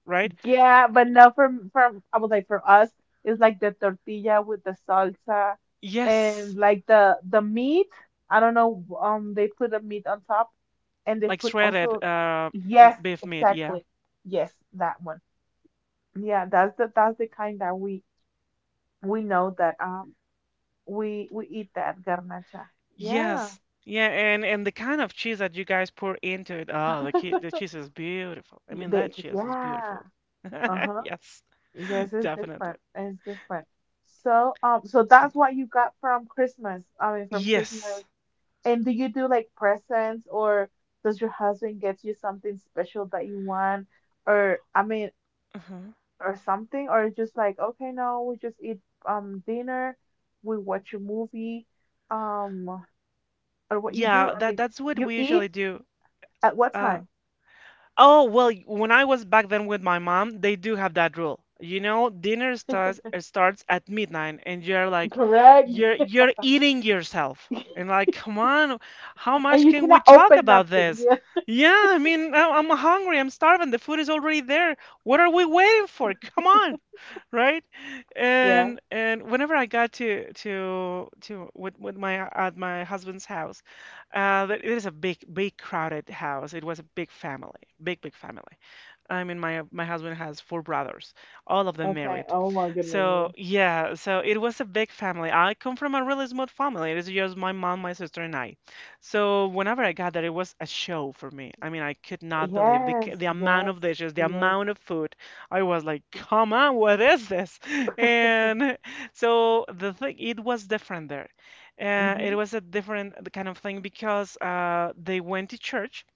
[SPEAKER 1] right?
[SPEAKER 2] yeah, but no from from I would like for us it's like the tortilla with the salsa and
[SPEAKER 1] Yes,
[SPEAKER 2] like the meat. I don't know, they put the meat on top and they
[SPEAKER 1] like
[SPEAKER 2] put
[SPEAKER 1] shredded
[SPEAKER 2] also yes,
[SPEAKER 1] beef meat. Yeah.
[SPEAKER 2] exactly. Yes, that one. Yeah, that's the kind that we know that we eat that garnacha. Yeah.
[SPEAKER 1] Yes. Yeah, and the kind of cheese that you guys pour into it. Oh, the
[SPEAKER 2] (laughs)
[SPEAKER 1] cheese is beautiful. I mean,
[SPEAKER 2] They,
[SPEAKER 1] that cheese is
[SPEAKER 2] yeah.
[SPEAKER 1] beautiful. (laughs)
[SPEAKER 2] Uh-huh.
[SPEAKER 1] Yes,
[SPEAKER 2] Yes, it's
[SPEAKER 1] definitely.
[SPEAKER 2] different. It's different. So so that's what you got from Christmas. I mean from
[SPEAKER 1] Yes.
[SPEAKER 2] Christmas. And do you do like presents or does your husband get you something special that you want or I mean
[SPEAKER 1] uh
[SPEAKER 2] or something or just like okay no we just eat dinner, we watch a movie. Um, or what you
[SPEAKER 1] Yeah,
[SPEAKER 2] do. I
[SPEAKER 1] that
[SPEAKER 2] mean,
[SPEAKER 1] that's what
[SPEAKER 2] you
[SPEAKER 1] we
[SPEAKER 2] eat
[SPEAKER 1] usually do.
[SPEAKER 2] at what
[SPEAKER 1] Uh,
[SPEAKER 2] time?
[SPEAKER 1] Oh, well, when I was back then with my mom, they do have that rule. You know, dinner starts at midnight and you're like
[SPEAKER 2] Correct.
[SPEAKER 1] you're eating yourself.
[SPEAKER 2] (laughs)
[SPEAKER 1] And like, come on, how
[SPEAKER 2] And
[SPEAKER 1] much
[SPEAKER 2] you
[SPEAKER 1] can we
[SPEAKER 2] cannot
[SPEAKER 1] talk
[SPEAKER 2] open
[SPEAKER 1] about
[SPEAKER 2] nothing. (laughs)
[SPEAKER 1] this?
[SPEAKER 2] Yeah.
[SPEAKER 1] Yeah, I mean, I'm hungry, I'm starving, the food is already there. What are we waiting for? Come on, right?
[SPEAKER 2] Yeah.
[SPEAKER 1] And whenever I got to with my at my husband's house, it is a big, big crowded house. It was a big family, big, big family. I mean, my husband has four brothers, all of them
[SPEAKER 2] Okay.
[SPEAKER 1] married.
[SPEAKER 2] Oh my goodness. Yeah.
[SPEAKER 1] So yeah, so it was a big family. I come from a really small family. It is just my mom, my sister, and I. So whenever I got there, it was a show for me. I mean, I could not believe
[SPEAKER 2] Yes.
[SPEAKER 1] the amount of
[SPEAKER 2] Yes.
[SPEAKER 1] dishes, the
[SPEAKER 2] Yes.
[SPEAKER 1] amount of food. I was like, come on, what is this? (laughs) And so the thing, it was different there. It
[SPEAKER 2] Mhm.
[SPEAKER 1] was a different kind of thing because they went to church.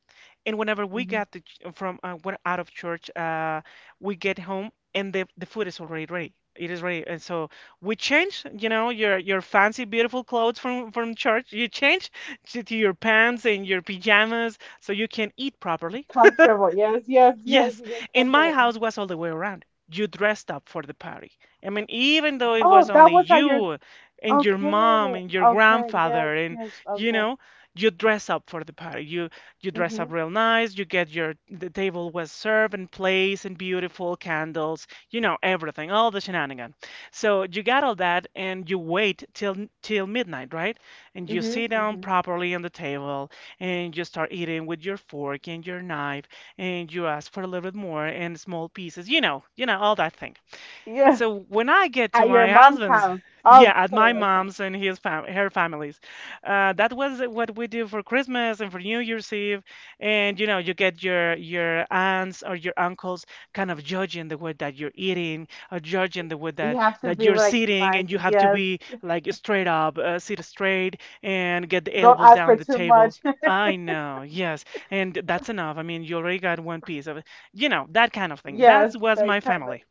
[SPEAKER 1] And whenever we
[SPEAKER 2] Mhm.
[SPEAKER 1] got to, ch- from when out of church, we get home and the food is already ready. It is ready, and so we change. You know, your fancy, beautiful clothes from church. You change to your pants and your pajamas so you can eat properly.
[SPEAKER 2] Comfortable. Yes. Yes. Yes.
[SPEAKER 1] Yes,
[SPEAKER 2] You get
[SPEAKER 1] in my
[SPEAKER 2] comfortable.
[SPEAKER 1] house
[SPEAKER 2] Mhm.
[SPEAKER 1] was all the way around. You dressed up for the party. I mean, even though it was
[SPEAKER 2] Oh,
[SPEAKER 1] only
[SPEAKER 2] that was how you're.
[SPEAKER 1] you and your mom
[SPEAKER 2] Okay.
[SPEAKER 1] and your
[SPEAKER 2] Okay. Yes.
[SPEAKER 1] grandfather and
[SPEAKER 2] Yes.
[SPEAKER 1] you
[SPEAKER 2] Okay.
[SPEAKER 1] know, you dress up for the party. You dress up
[SPEAKER 2] Mhm.
[SPEAKER 1] real nice. You get your the table was served and placed and beautiful candles. You know everything, all the shenanigan. So you got all that and you wait till midnight, right? And you
[SPEAKER 2] Mhm.
[SPEAKER 1] sit down
[SPEAKER 2] Mhm.
[SPEAKER 1] properly on the table and you start eating with your fork and your knife and you ask for a little bit more in small pieces. You know all that thing.
[SPEAKER 2] Yes.
[SPEAKER 1] So when I get to
[SPEAKER 2] At your
[SPEAKER 1] my
[SPEAKER 2] mom's
[SPEAKER 1] husband's,
[SPEAKER 2] house.
[SPEAKER 1] yeah, at
[SPEAKER 2] Okay.
[SPEAKER 1] my
[SPEAKER 2] Okay.
[SPEAKER 1] mom's and his fam her family's, that was what we do for Christmas and for New Year's Eve. And you know, you get your aunts or your uncles kind of judging the way that you're eating or judging the way
[SPEAKER 2] You
[SPEAKER 1] that
[SPEAKER 2] have to be
[SPEAKER 1] you're
[SPEAKER 2] like
[SPEAKER 1] sitting,
[SPEAKER 2] nice.
[SPEAKER 1] and you have to
[SPEAKER 2] Yes.
[SPEAKER 1] be like straight up, sit straight, and get the
[SPEAKER 2] Don't
[SPEAKER 1] elbows
[SPEAKER 2] ask
[SPEAKER 1] down
[SPEAKER 2] for
[SPEAKER 1] the
[SPEAKER 2] too
[SPEAKER 1] table.
[SPEAKER 2] much. (laughs)
[SPEAKER 1] I know, yes, and that's enough. I mean, you already got one piece of it, that kind of thing. That
[SPEAKER 2] Yes,
[SPEAKER 1] was
[SPEAKER 2] they
[SPEAKER 1] my
[SPEAKER 2] kind of.
[SPEAKER 1] family.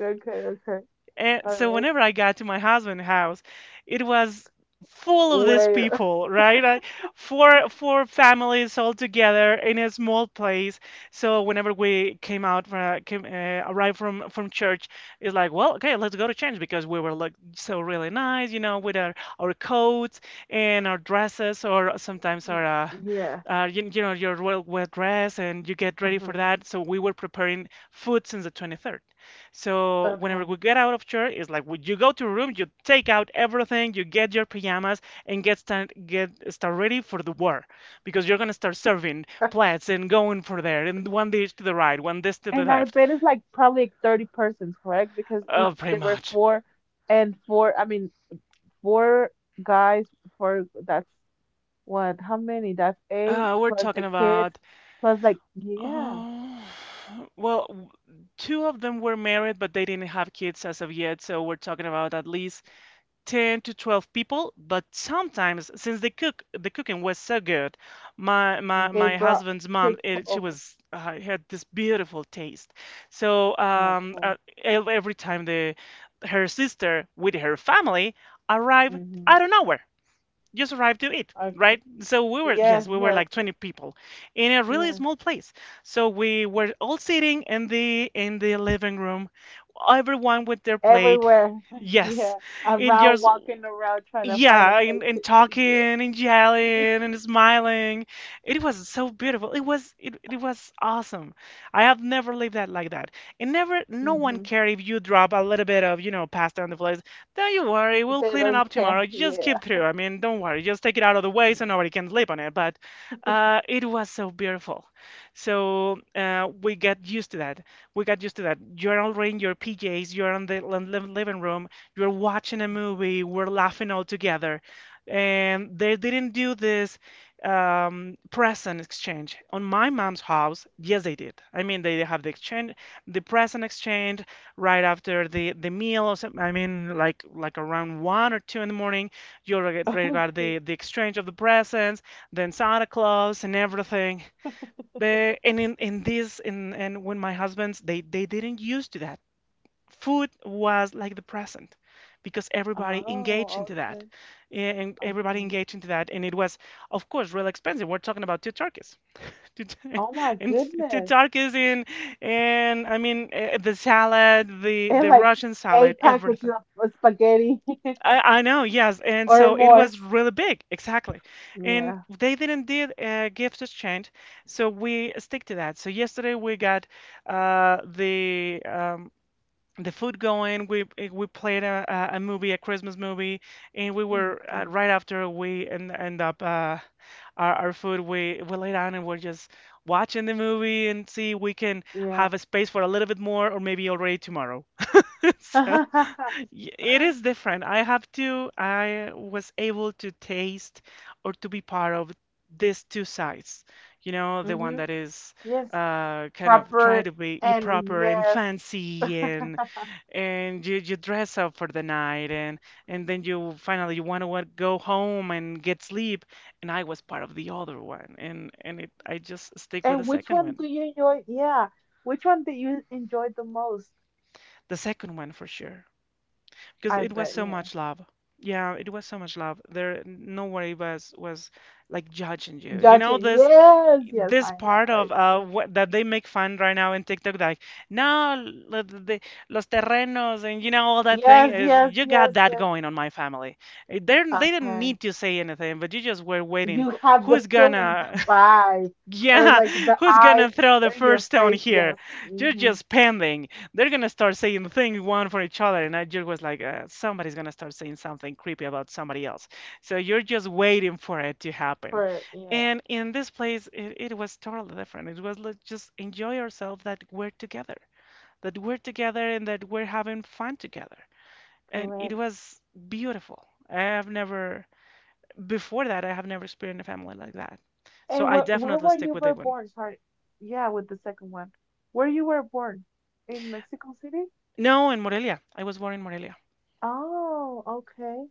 [SPEAKER 2] Okay, okay.
[SPEAKER 1] And
[SPEAKER 2] All
[SPEAKER 1] so
[SPEAKER 2] right.
[SPEAKER 1] whenever I got to my husband's house, it was full of these
[SPEAKER 2] Way. (laughs)
[SPEAKER 1] people, right? I, four four families all together in a small place. So whenever we came out from came, arrived from church, it's like, well, okay, let's go to church because we were like so really nice, with our coats and our dresses, or sometimes our. Uh,
[SPEAKER 2] Yeah.
[SPEAKER 1] uh, you, you're well dressed and you get ready for
[SPEAKER 2] Uh-huh.
[SPEAKER 1] that. So we were preparing food since the 23rd. So whenever we
[SPEAKER 2] Okay.
[SPEAKER 1] get out of church, it's like you go to your room, you take out everything, you get your pajamas, and get start ready for the war, because you're gonna start serving plates and going for there, and one dish to the right, one dish to the
[SPEAKER 2] And I
[SPEAKER 1] left.
[SPEAKER 2] bet it's like probably like 30 persons, correct? Because if
[SPEAKER 1] Oh, pretty
[SPEAKER 2] there were
[SPEAKER 1] much.
[SPEAKER 2] four and four, I mean, four guys, four, that's what? How many? That's eight
[SPEAKER 1] We're
[SPEAKER 2] plus the
[SPEAKER 1] talking
[SPEAKER 2] kids,
[SPEAKER 1] about.
[SPEAKER 2] plus like, yeah,
[SPEAKER 1] Oh, well, two of them were married, but they didn't have kids as of yet, so we're talking about at least 10 to 12 people. But sometimes since the cooking was so good,
[SPEAKER 2] they
[SPEAKER 1] my
[SPEAKER 2] brought
[SPEAKER 1] husband's mom,
[SPEAKER 2] people
[SPEAKER 1] she
[SPEAKER 2] over.
[SPEAKER 1] was had this beautiful taste. So
[SPEAKER 2] Okay.
[SPEAKER 1] every time the her sister with her family arrived
[SPEAKER 2] Mm-hmm.
[SPEAKER 1] out of nowhere, just arrived to eat,
[SPEAKER 2] Okay.
[SPEAKER 1] right? So we were, yes,
[SPEAKER 2] Yes,
[SPEAKER 1] we were
[SPEAKER 2] yes,
[SPEAKER 1] like 20 people in a really
[SPEAKER 2] yes.
[SPEAKER 1] small place, so we were all sitting in the living room, everyone with their plate.
[SPEAKER 2] Everywhere. (laughs)
[SPEAKER 1] Yes,
[SPEAKER 2] Yeah,
[SPEAKER 1] and
[SPEAKER 2] around
[SPEAKER 1] yours,
[SPEAKER 2] walking around trying to find a
[SPEAKER 1] yeah, and,
[SPEAKER 2] place to.
[SPEAKER 1] and
[SPEAKER 2] (laughs)
[SPEAKER 1] talking and
[SPEAKER 2] Yeah.
[SPEAKER 1] yelling and smiling. It was so beautiful. It was it was awesome. I have never lived that like that. And never no one
[SPEAKER 2] Hmm.
[SPEAKER 1] cared if you drop a little bit of pasta on the floor. Don't you worry, we'll
[SPEAKER 2] They
[SPEAKER 1] clean it
[SPEAKER 2] don't
[SPEAKER 1] up
[SPEAKER 2] care.
[SPEAKER 1] tomorrow. Just keep
[SPEAKER 2] Yeah.
[SPEAKER 1] through. I mean, don't worry. Just take it out of the way so nobody can sleep on it. But
[SPEAKER 2] (laughs)
[SPEAKER 1] it was so beautiful. So we got used to that. We got used to that. You're already in your PJs, you're in the living room, you're watching a movie, we're laughing all together. And they didn't do this present exchange. On my mom's house, yes, they did. I mean, they have the exchange, the present exchange right after the meal. Or I mean, like around one or two in the morning, you'll regard
[SPEAKER 2] Okay.
[SPEAKER 1] the exchange of the presents, then Santa Claus and everything. But and in this in and when my husband's, they didn't used to that. Food was like the present because everybody engaged
[SPEAKER 2] Oh,
[SPEAKER 1] into that.
[SPEAKER 2] okay.
[SPEAKER 1] And everybody
[SPEAKER 2] Okay.
[SPEAKER 1] engaged into that and it was of course real expensive. We're talking about two turkeys. Two tur-
[SPEAKER 2] Oh my
[SPEAKER 1] (laughs) two
[SPEAKER 2] goodness.
[SPEAKER 1] turkeys in and I mean the salad, the
[SPEAKER 2] And
[SPEAKER 1] the
[SPEAKER 2] like
[SPEAKER 1] Russian salad,
[SPEAKER 2] eight packages
[SPEAKER 1] everything.
[SPEAKER 2] of spaghetti (laughs)
[SPEAKER 1] I know, yes, and
[SPEAKER 2] or
[SPEAKER 1] so it
[SPEAKER 2] more.
[SPEAKER 1] was really big, exactly. And
[SPEAKER 2] Yeah.
[SPEAKER 1] they didn't did a gift exchange, so we stick to that. So yesterday we got uh, the um, the food going. We we played a movie, a Christmas movie, and we were
[SPEAKER 2] Okay.
[SPEAKER 1] right after we end up our food. We lay down and we're just watching the movie and see we can
[SPEAKER 2] Yeah.
[SPEAKER 1] have a space for a little bit more, or maybe already tomorrow. (laughs) So.
[SPEAKER 2] (laughs)
[SPEAKER 1] It is different. I was able to taste or to be part of these two sides. You know, the one
[SPEAKER 2] Mm-hmm.
[SPEAKER 1] that is
[SPEAKER 2] Yes.
[SPEAKER 1] kind of try
[SPEAKER 2] Proper
[SPEAKER 1] to be
[SPEAKER 2] and
[SPEAKER 1] proper and
[SPEAKER 2] yes.
[SPEAKER 1] fancy, and you dress up for the night, and then you finally you want to go home and get sleep. And I was part of the other one, and it, I just stick with the
[SPEAKER 2] And which
[SPEAKER 1] second
[SPEAKER 2] one
[SPEAKER 1] one.
[SPEAKER 2] do you enjoy? Yeah. Which one do you enjoy the most?
[SPEAKER 1] The second one for sure, because
[SPEAKER 2] I
[SPEAKER 1] it was
[SPEAKER 2] bet,
[SPEAKER 1] so
[SPEAKER 2] yeah.
[SPEAKER 1] much love. Yeah, it was so much love. There, nobody was like judging you. You know
[SPEAKER 2] Judging.
[SPEAKER 1] this
[SPEAKER 2] Yes, yes, I know
[SPEAKER 1] part
[SPEAKER 2] what you're
[SPEAKER 1] of
[SPEAKER 2] talking about.
[SPEAKER 1] what that they make fun right now in TikTok, like no, los terrenos, and you know all that thing
[SPEAKER 2] Yes,
[SPEAKER 1] is
[SPEAKER 2] yes,
[SPEAKER 1] you got
[SPEAKER 2] yes,
[SPEAKER 1] that
[SPEAKER 2] yes.
[SPEAKER 1] going on my family. They didn't
[SPEAKER 2] Okay.
[SPEAKER 1] need to say anything, but you just were waiting.
[SPEAKER 2] You have the
[SPEAKER 1] Who's
[SPEAKER 2] feeling, the
[SPEAKER 1] gonna?
[SPEAKER 2] vibe, or
[SPEAKER 1] Yeah,
[SPEAKER 2] like
[SPEAKER 1] (laughs)
[SPEAKER 2] the
[SPEAKER 1] who's
[SPEAKER 2] eyes
[SPEAKER 1] gonna throw the
[SPEAKER 2] in your
[SPEAKER 1] first stone
[SPEAKER 2] face.
[SPEAKER 1] here?
[SPEAKER 2] Yes.
[SPEAKER 1] You're
[SPEAKER 2] Mm-hmm.
[SPEAKER 1] just pending. They're gonna start saying things one for each other, and I just was like, somebody's gonna start saying something creepy about somebody else. So you're just waiting for it to happen.
[SPEAKER 2] For, yeah,
[SPEAKER 1] And in this place, it was totally different. It was like just enjoy ourselves that we're together, and that we're having fun together. And it
[SPEAKER 2] correct.
[SPEAKER 1] was beautiful. I have never, before that, I have never experienced a family like that. So
[SPEAKER 2] And
[SPEAKER 1] I
[SPEAKER 2] where
[SPEAKER 1] definitely
[SPEAKER 2] were you
[SPEAKER 1] stick with
[SPEAKER 2] were
[SPEAKER 1] that one.
[SPEAKER 2] born? Sorry. Yeah, with the second one. Where you were born? In Mexico City?
[SPEAKER 1] No, in Morelia. I was born in Morelia.
[SPEAKER 2] Oh, okay.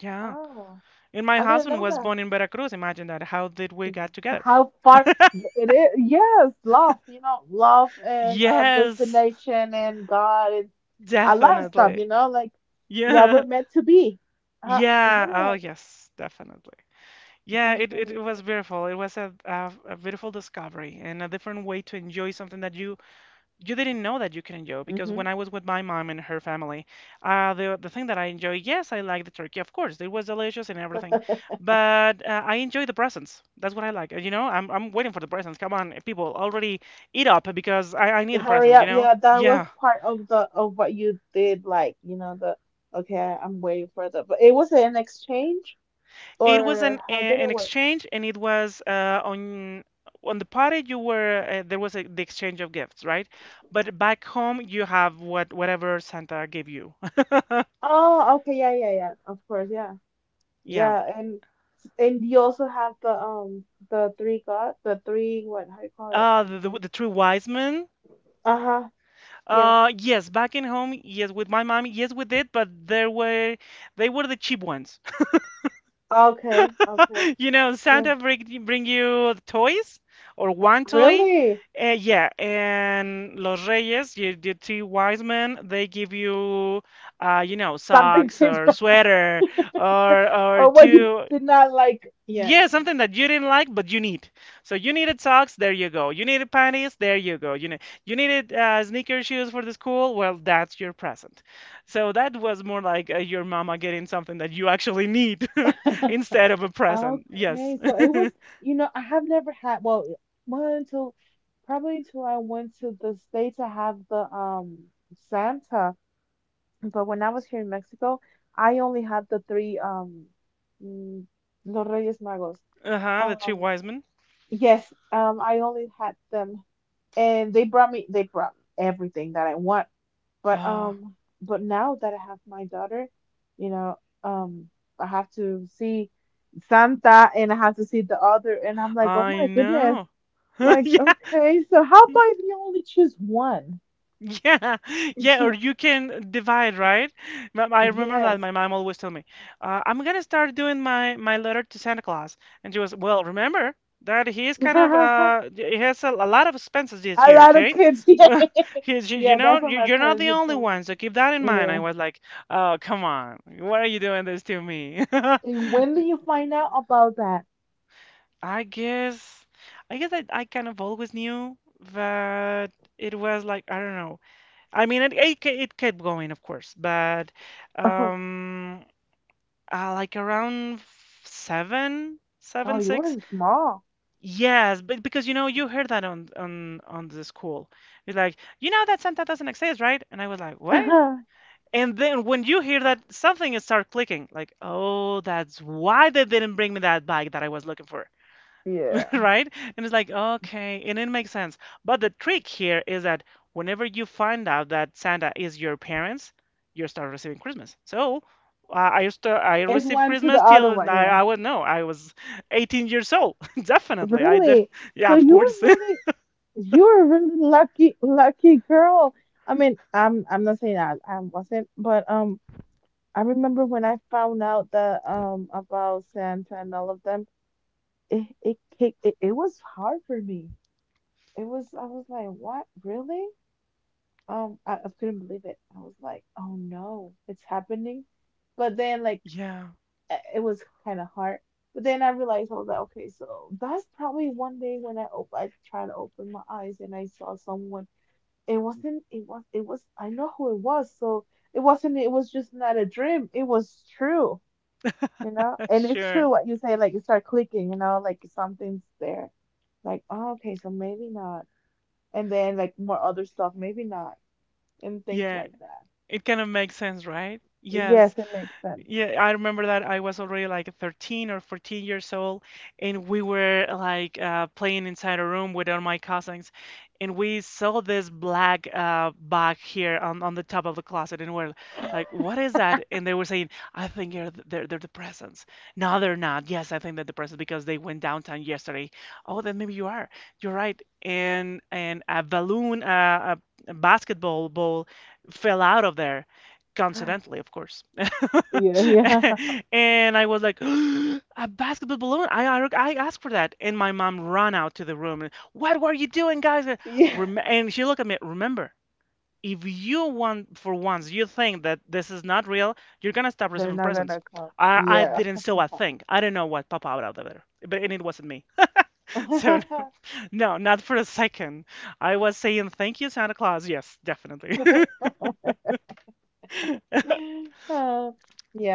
[SPEAKER 1] Yeah.
[SPEAKER 2] Oh,
[SPEAKER 1] And my
[SPEAKER 2] I didn't
[SPEAKER 1] husband was
[SPEAKER 2] know.
[SPEAKER 1] born in Veracruz. Imagine that. How did we
[SPEAKER 2] Mhm.
[SPEAKER 1] get together?
[SPEAKER 2] How far it is, yes, love and
[SPEAKER 1] Yes,
[SPEAKER 2] destination and God and a lot of stuff,
[SPEAKER 1] definitely.
[SPEAKER 2] like, yeah,
[SPEAKER 1] Yeah.
[SPEAKER 2] we're meant to be. Uh,
[SPEAKER 1] Yeah. Oh,
[SPEAKER 2] yeah,
[SPEAKER 1] yes, definitely. Yeah,
[SPEAKER 2] that's really
[SPEAKER 1] was
[SPEAKER 2] good.
[SPEAKER 1] beautiful. It was a beautiful discovery and a different way to enjoy something that you didn't know that you can enjoy, because when I
[SPEAKER 2] Hmm.
[SPEAKER 1] was with my mom and her family, the thing that I enjoy, yes, I like the turkey, of course, it was delicious and everything, but I enjoy the presents. That's what I like. You know, I'm waiting for the presents. Come on, people, already eat up because I
[SPEAKER 2] (laughs)
[SPEAKER 1] need the
[SPEAKER 2] Hurry
[SPEAKER 1] presents. You
[SPEAKER 2] up.
[SPEAKER 1] know,
[SPEAKER 2] Yeah, that was
[SPEAKER 1] yeah.
[SPEAKER 2] part of what you did, like, you know, the okay, I'm waiting but it was an exchange
[SPEAKER 1] It was
[SPEAKER 2] or how did
[SPEAKER 1] an
[SPEAKER 2] it work?
[SPEAKER 1] exchange, and it was on the party you were there was the exchange of gifts, right? But back home you have whatever Santa gave you. (laughs)
[SPEAKER 2] Oh, okay, yeah, yeah, yeah, of course, yeah.
[SPEAKER 1] Yeah.
[SPEAKER 2] Yeah, and you also have the three god the three what, how do you call it?
[SPEAKER 1] The three wise men.
[SPEAKER 2] Uh-huh. Yes.
[SPEAKER 1] Yes, back in home, yes, with my mom, yes, we did, but there were they were the cheap ones.
[SPEAKER 2] Okay. Okay.
[SPEAKER 1] (laughs) You know,
[SPEAKER 2] Yeah.
[SPEAKER 1] Santa bring you toys or one toy.
[SPEAKER 2] Really?
[SPEAKER 1] Yeah, and Los Reyes, you, the three wise men, they give you, you know,
[SPEAKER 2] Something
[SPEAKER 1] socks
[SPEAKER 2] changed.
[SPEAKER 1] or
[SPEAKER 2] (laughs)
[SPEAKER 1] sweater or
[SPEAKER 2] Oh, what you
[SPEAKER 1] two.
[SPEAKER 2] did not like. Yeah,
[SPEAKER 1] Yeah,
[SPEAKER 2] yeah.
[SPEAKER 1] something that you didn't like, but you need. So you needed socks, there you go. You needed panties, there you go. You needed sneaker shoes for the school, well, that's your present. So that was more like your mama getting something that you actually need (laughs) instead of a
[SPEAKER 2] (laughs)
[SPEAKER 1] present. Yes.
[SPEAKER 2] Okay. So
[SPEAKER 1] (laughs)
[SPEAKER 2] it was, I have never had, well until probably until I went to the States to have the Santa. But when I was here in Mexico, I only had the three mm, Los Reyes Magos.
[SPEAKER 1] Uh-huh, the three
[SPEAKER 2] Um
[SPEAKER 1] wise men.
[SPEAKER 2] yes, I only had them, and they brought me everything that I want. But
[SPEAKER 1] Ah,
[SPEAKER 2] um but now that I have my daughter, you know, um I have to see Santa and I have to see the other and I'm like, "Oh
[SPEAKER 1] I
[SPEAKER 2] my goodness."
[SPEAKER 1] know. (laughs)
[SPEAKER 2] Like,
[SPEAKER 1] Yeah.
[SPEAKER 2] okay, so how about if you only choose one?
[SPEAKER 1] Yeah, (laughs) yeah, or
[SPEAKER 2] (laughs)
[SPEAKER 1] you can divide, right? I remember that
[SPEAKER 2] Yes.
[SPEAKER 1] my mom always told me, I'm gonna start doing my letter to Santa Claus, and she was, well, remember that he is kind of
[SPEAKER 2] (laughs)
[SPEAKER 1] he has a lot of expenses this
[SPEAKER 2] A
[SPEAKER 1] year,
[SPEAKER 2] lot of
[SPEAKER 1] okay?
[SPEAKER 2] kids. (laughs) Yeah,
[SPEAKER 1] (laughs) He's, you
[SPEAKER 2] yeah,
[SPEAKER 1] know,
[SPEAKER 2] that's what
[SPEAKER 1] you,
[SPEAKER 2] my
[SPEAKER 1] you're not
[SPEAKER 2] parents
[SPEAKER 1] the
[SPEAKER 2] had
[SPEAKER 1] only
[SPEAKER 2] told me
[SPEAKER 1] one, so keep that in
[SPEAKER 2] too.
[SPEAKER 1] mind. I
[SPEAKER 2] Yeah.
[SPEAKER 1] was like, oh, come on, why are you doing this to me? (laughs)
[SPEAKER 2] And when do you find out about that?
[SPEAKER 1] I guess, I guess I kind of always knew that it was like, I don't know. I mean, it kept going, of course, but
[SPEAKER 2] (laughs)
[SPEAKER 1] um, like around
[SPEAKER 2] Oh, you
[SPEAKER 1] six.
[SPEAKER 2] were small.
[SPEAKER 1] Yes, but because you know, you heard that on the school. You're like, you know that Santa doesn't exist, right? And I was like,
[SPEAKER 2] (laughs)
[SPEAKER 1] what?
[SPEAKER 2] Yeah.
[SPEAKER 1] And then when you hear that, something is start clicking. Like, oh, that's why they didn't bring me that bike that I was looking for. (laughs) Right? And it's like, okay, and it makes sense. But the trick here is that whenever you find out that Santa is your parents, you start receiving Christmas. So I
[SPEAKER 2] It's
[SPEAKER 1] received
[SPEAKER 2] one to
[SPEAKER 1] Christmas
[SPEAKER 2] the other
[SPEAKER 1] till
[SPEAKER 2] one. Yeah.
[SPEAKER 1] I was no, I was 18 years old. (laughs) Definitely,
[SPEAKER 2] Really?
[SPEAKER 1] yeah,
[SPEAKER 2] So
[SPEAKER 1] of
[SPEAKER 2] you
[SPEAKER 1] course.
[SPEAKER 2] were
[SPEAKER 1] (laughs)
[SPEAKER 2] really, you were really lucky, lucky girl. I mean, I'm not saying I wasn't, but I remember when I found out that about Santa and all of them, it, it, it was hard for me. I was like, what? Really? I couldn't believe it. I was like, oh no, it's happening. But then, like,
[SPEAKER 1] Yeah,
[SPEAKER 2] it was kind of hard. But then I realized, I was like, okay, so that's probably one day when I tried to open my eyes and I saw someone. It wasn't, it was, I know who it was. So it wasn't, it was just not a dream. It was true, you know?
[SPEAKER 1] (laughs)
[SPEAKER 2] And it's
[SPEAKER 1] sure.
[SPEAKER 2] true what you say, like, you start clicking, like something's there. Like, oh, okay, so maybe not, and then like more other stuff, maybe not, and things
[SPEAKER 1] Yeah,
[SPEAKER 2] like that.
[SPEAKER 1] it kind of makes sense, right?
[SPEAKER 2] Yes,
[SPEAKER 1] Yes.
[SPEAKER 2] it makes sense.
[SPEAKER 1] Yeah, I remember that I was already like 13 or 14 years old, and we were like playing inside a room with all my cousins, and we saw this black bag here on the top of the closet, and we're like, "What is that?" And they were saying, "I think they're the presents." No, they're not. Yes, I think they're the presents because they went downtown yesterday. Oh, then maybe you are. You're right. And a balloon, a basketball ball, fell out of there,
[SPEAKER 2] (gasps) (laughs)
[SPEAKER 1] coincidentally, of course.
[SPEAKER 2] Yeah,
[SPEAKER 1] (laughs)
[SPEAKER 2] yeah. (laughs)
[SPEAKER 1] And I was like, (gasps) a basketball balloon? I asked for that. And my mom ran out to the room and, what were you doing, guys?
[SPEAKER 2] Yeah.
[SPEAKER 1] Rem and she looked at me, remember, if you want for once you think that this is not real, you're gonna stop
[SPEAKER 2] They're
[SPEAKER 1] receiving
[SPEAKER 2] not
[SPEAKER 1] presents.
[SPEAKER 2] gonna come.
[SPEAKER 1] I
[SPEAKER 2] Yeah.
[SPEAKER 1] didn't sew a thing. I don't know what popped out of there. But and it wasn't me. (laughs) So
[SPEAKER 2] (laughs)
[SPEAKER 1] no, not for a second. I was saying thank you, Santa Claus. Yes, definitely. (laughs)
[SPEAKER 2] Uh,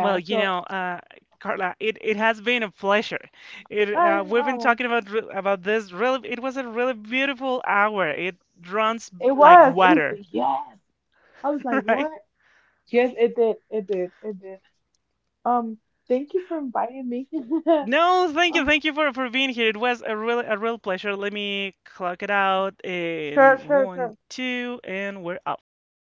[SPEAKER 1] Well, you
[SPEAKER 2] so
[SPEAKER 1] know, Carla, it has been a pleasure. It
[SPEAKER 2] I
[SPEAKER 1] we've been
[SPEAKER 2] know.
[SPEAKER 1] talking about about this really. It was a really beautiful hour. It runs
[SPEAKER 2] It
[SPEAKER 1] like
[SPEAKER 2] was.
[SPEAKER 1] water,
[SPEAKER 2] It yes. I was
[SPEAKER 1] (laughs)
[SPEAKER 2] like,
[SPEAKER 1] right?
[SPEAKER 2] what? Yes, it did. It did. It did. Um, Thank you for inviting me. (laughs)
[SPEAKER 1] No,
[SPEAKER 2] Oh,
[SPEAKER 1] thank you for being here. It was a real pleasure. Let me clock it out
[SPEAKER 2] sure,
[SPEAKER 1] in
[SPEAKER 2] sure, sure.
[SPEAKER 1] one, two, and we're off.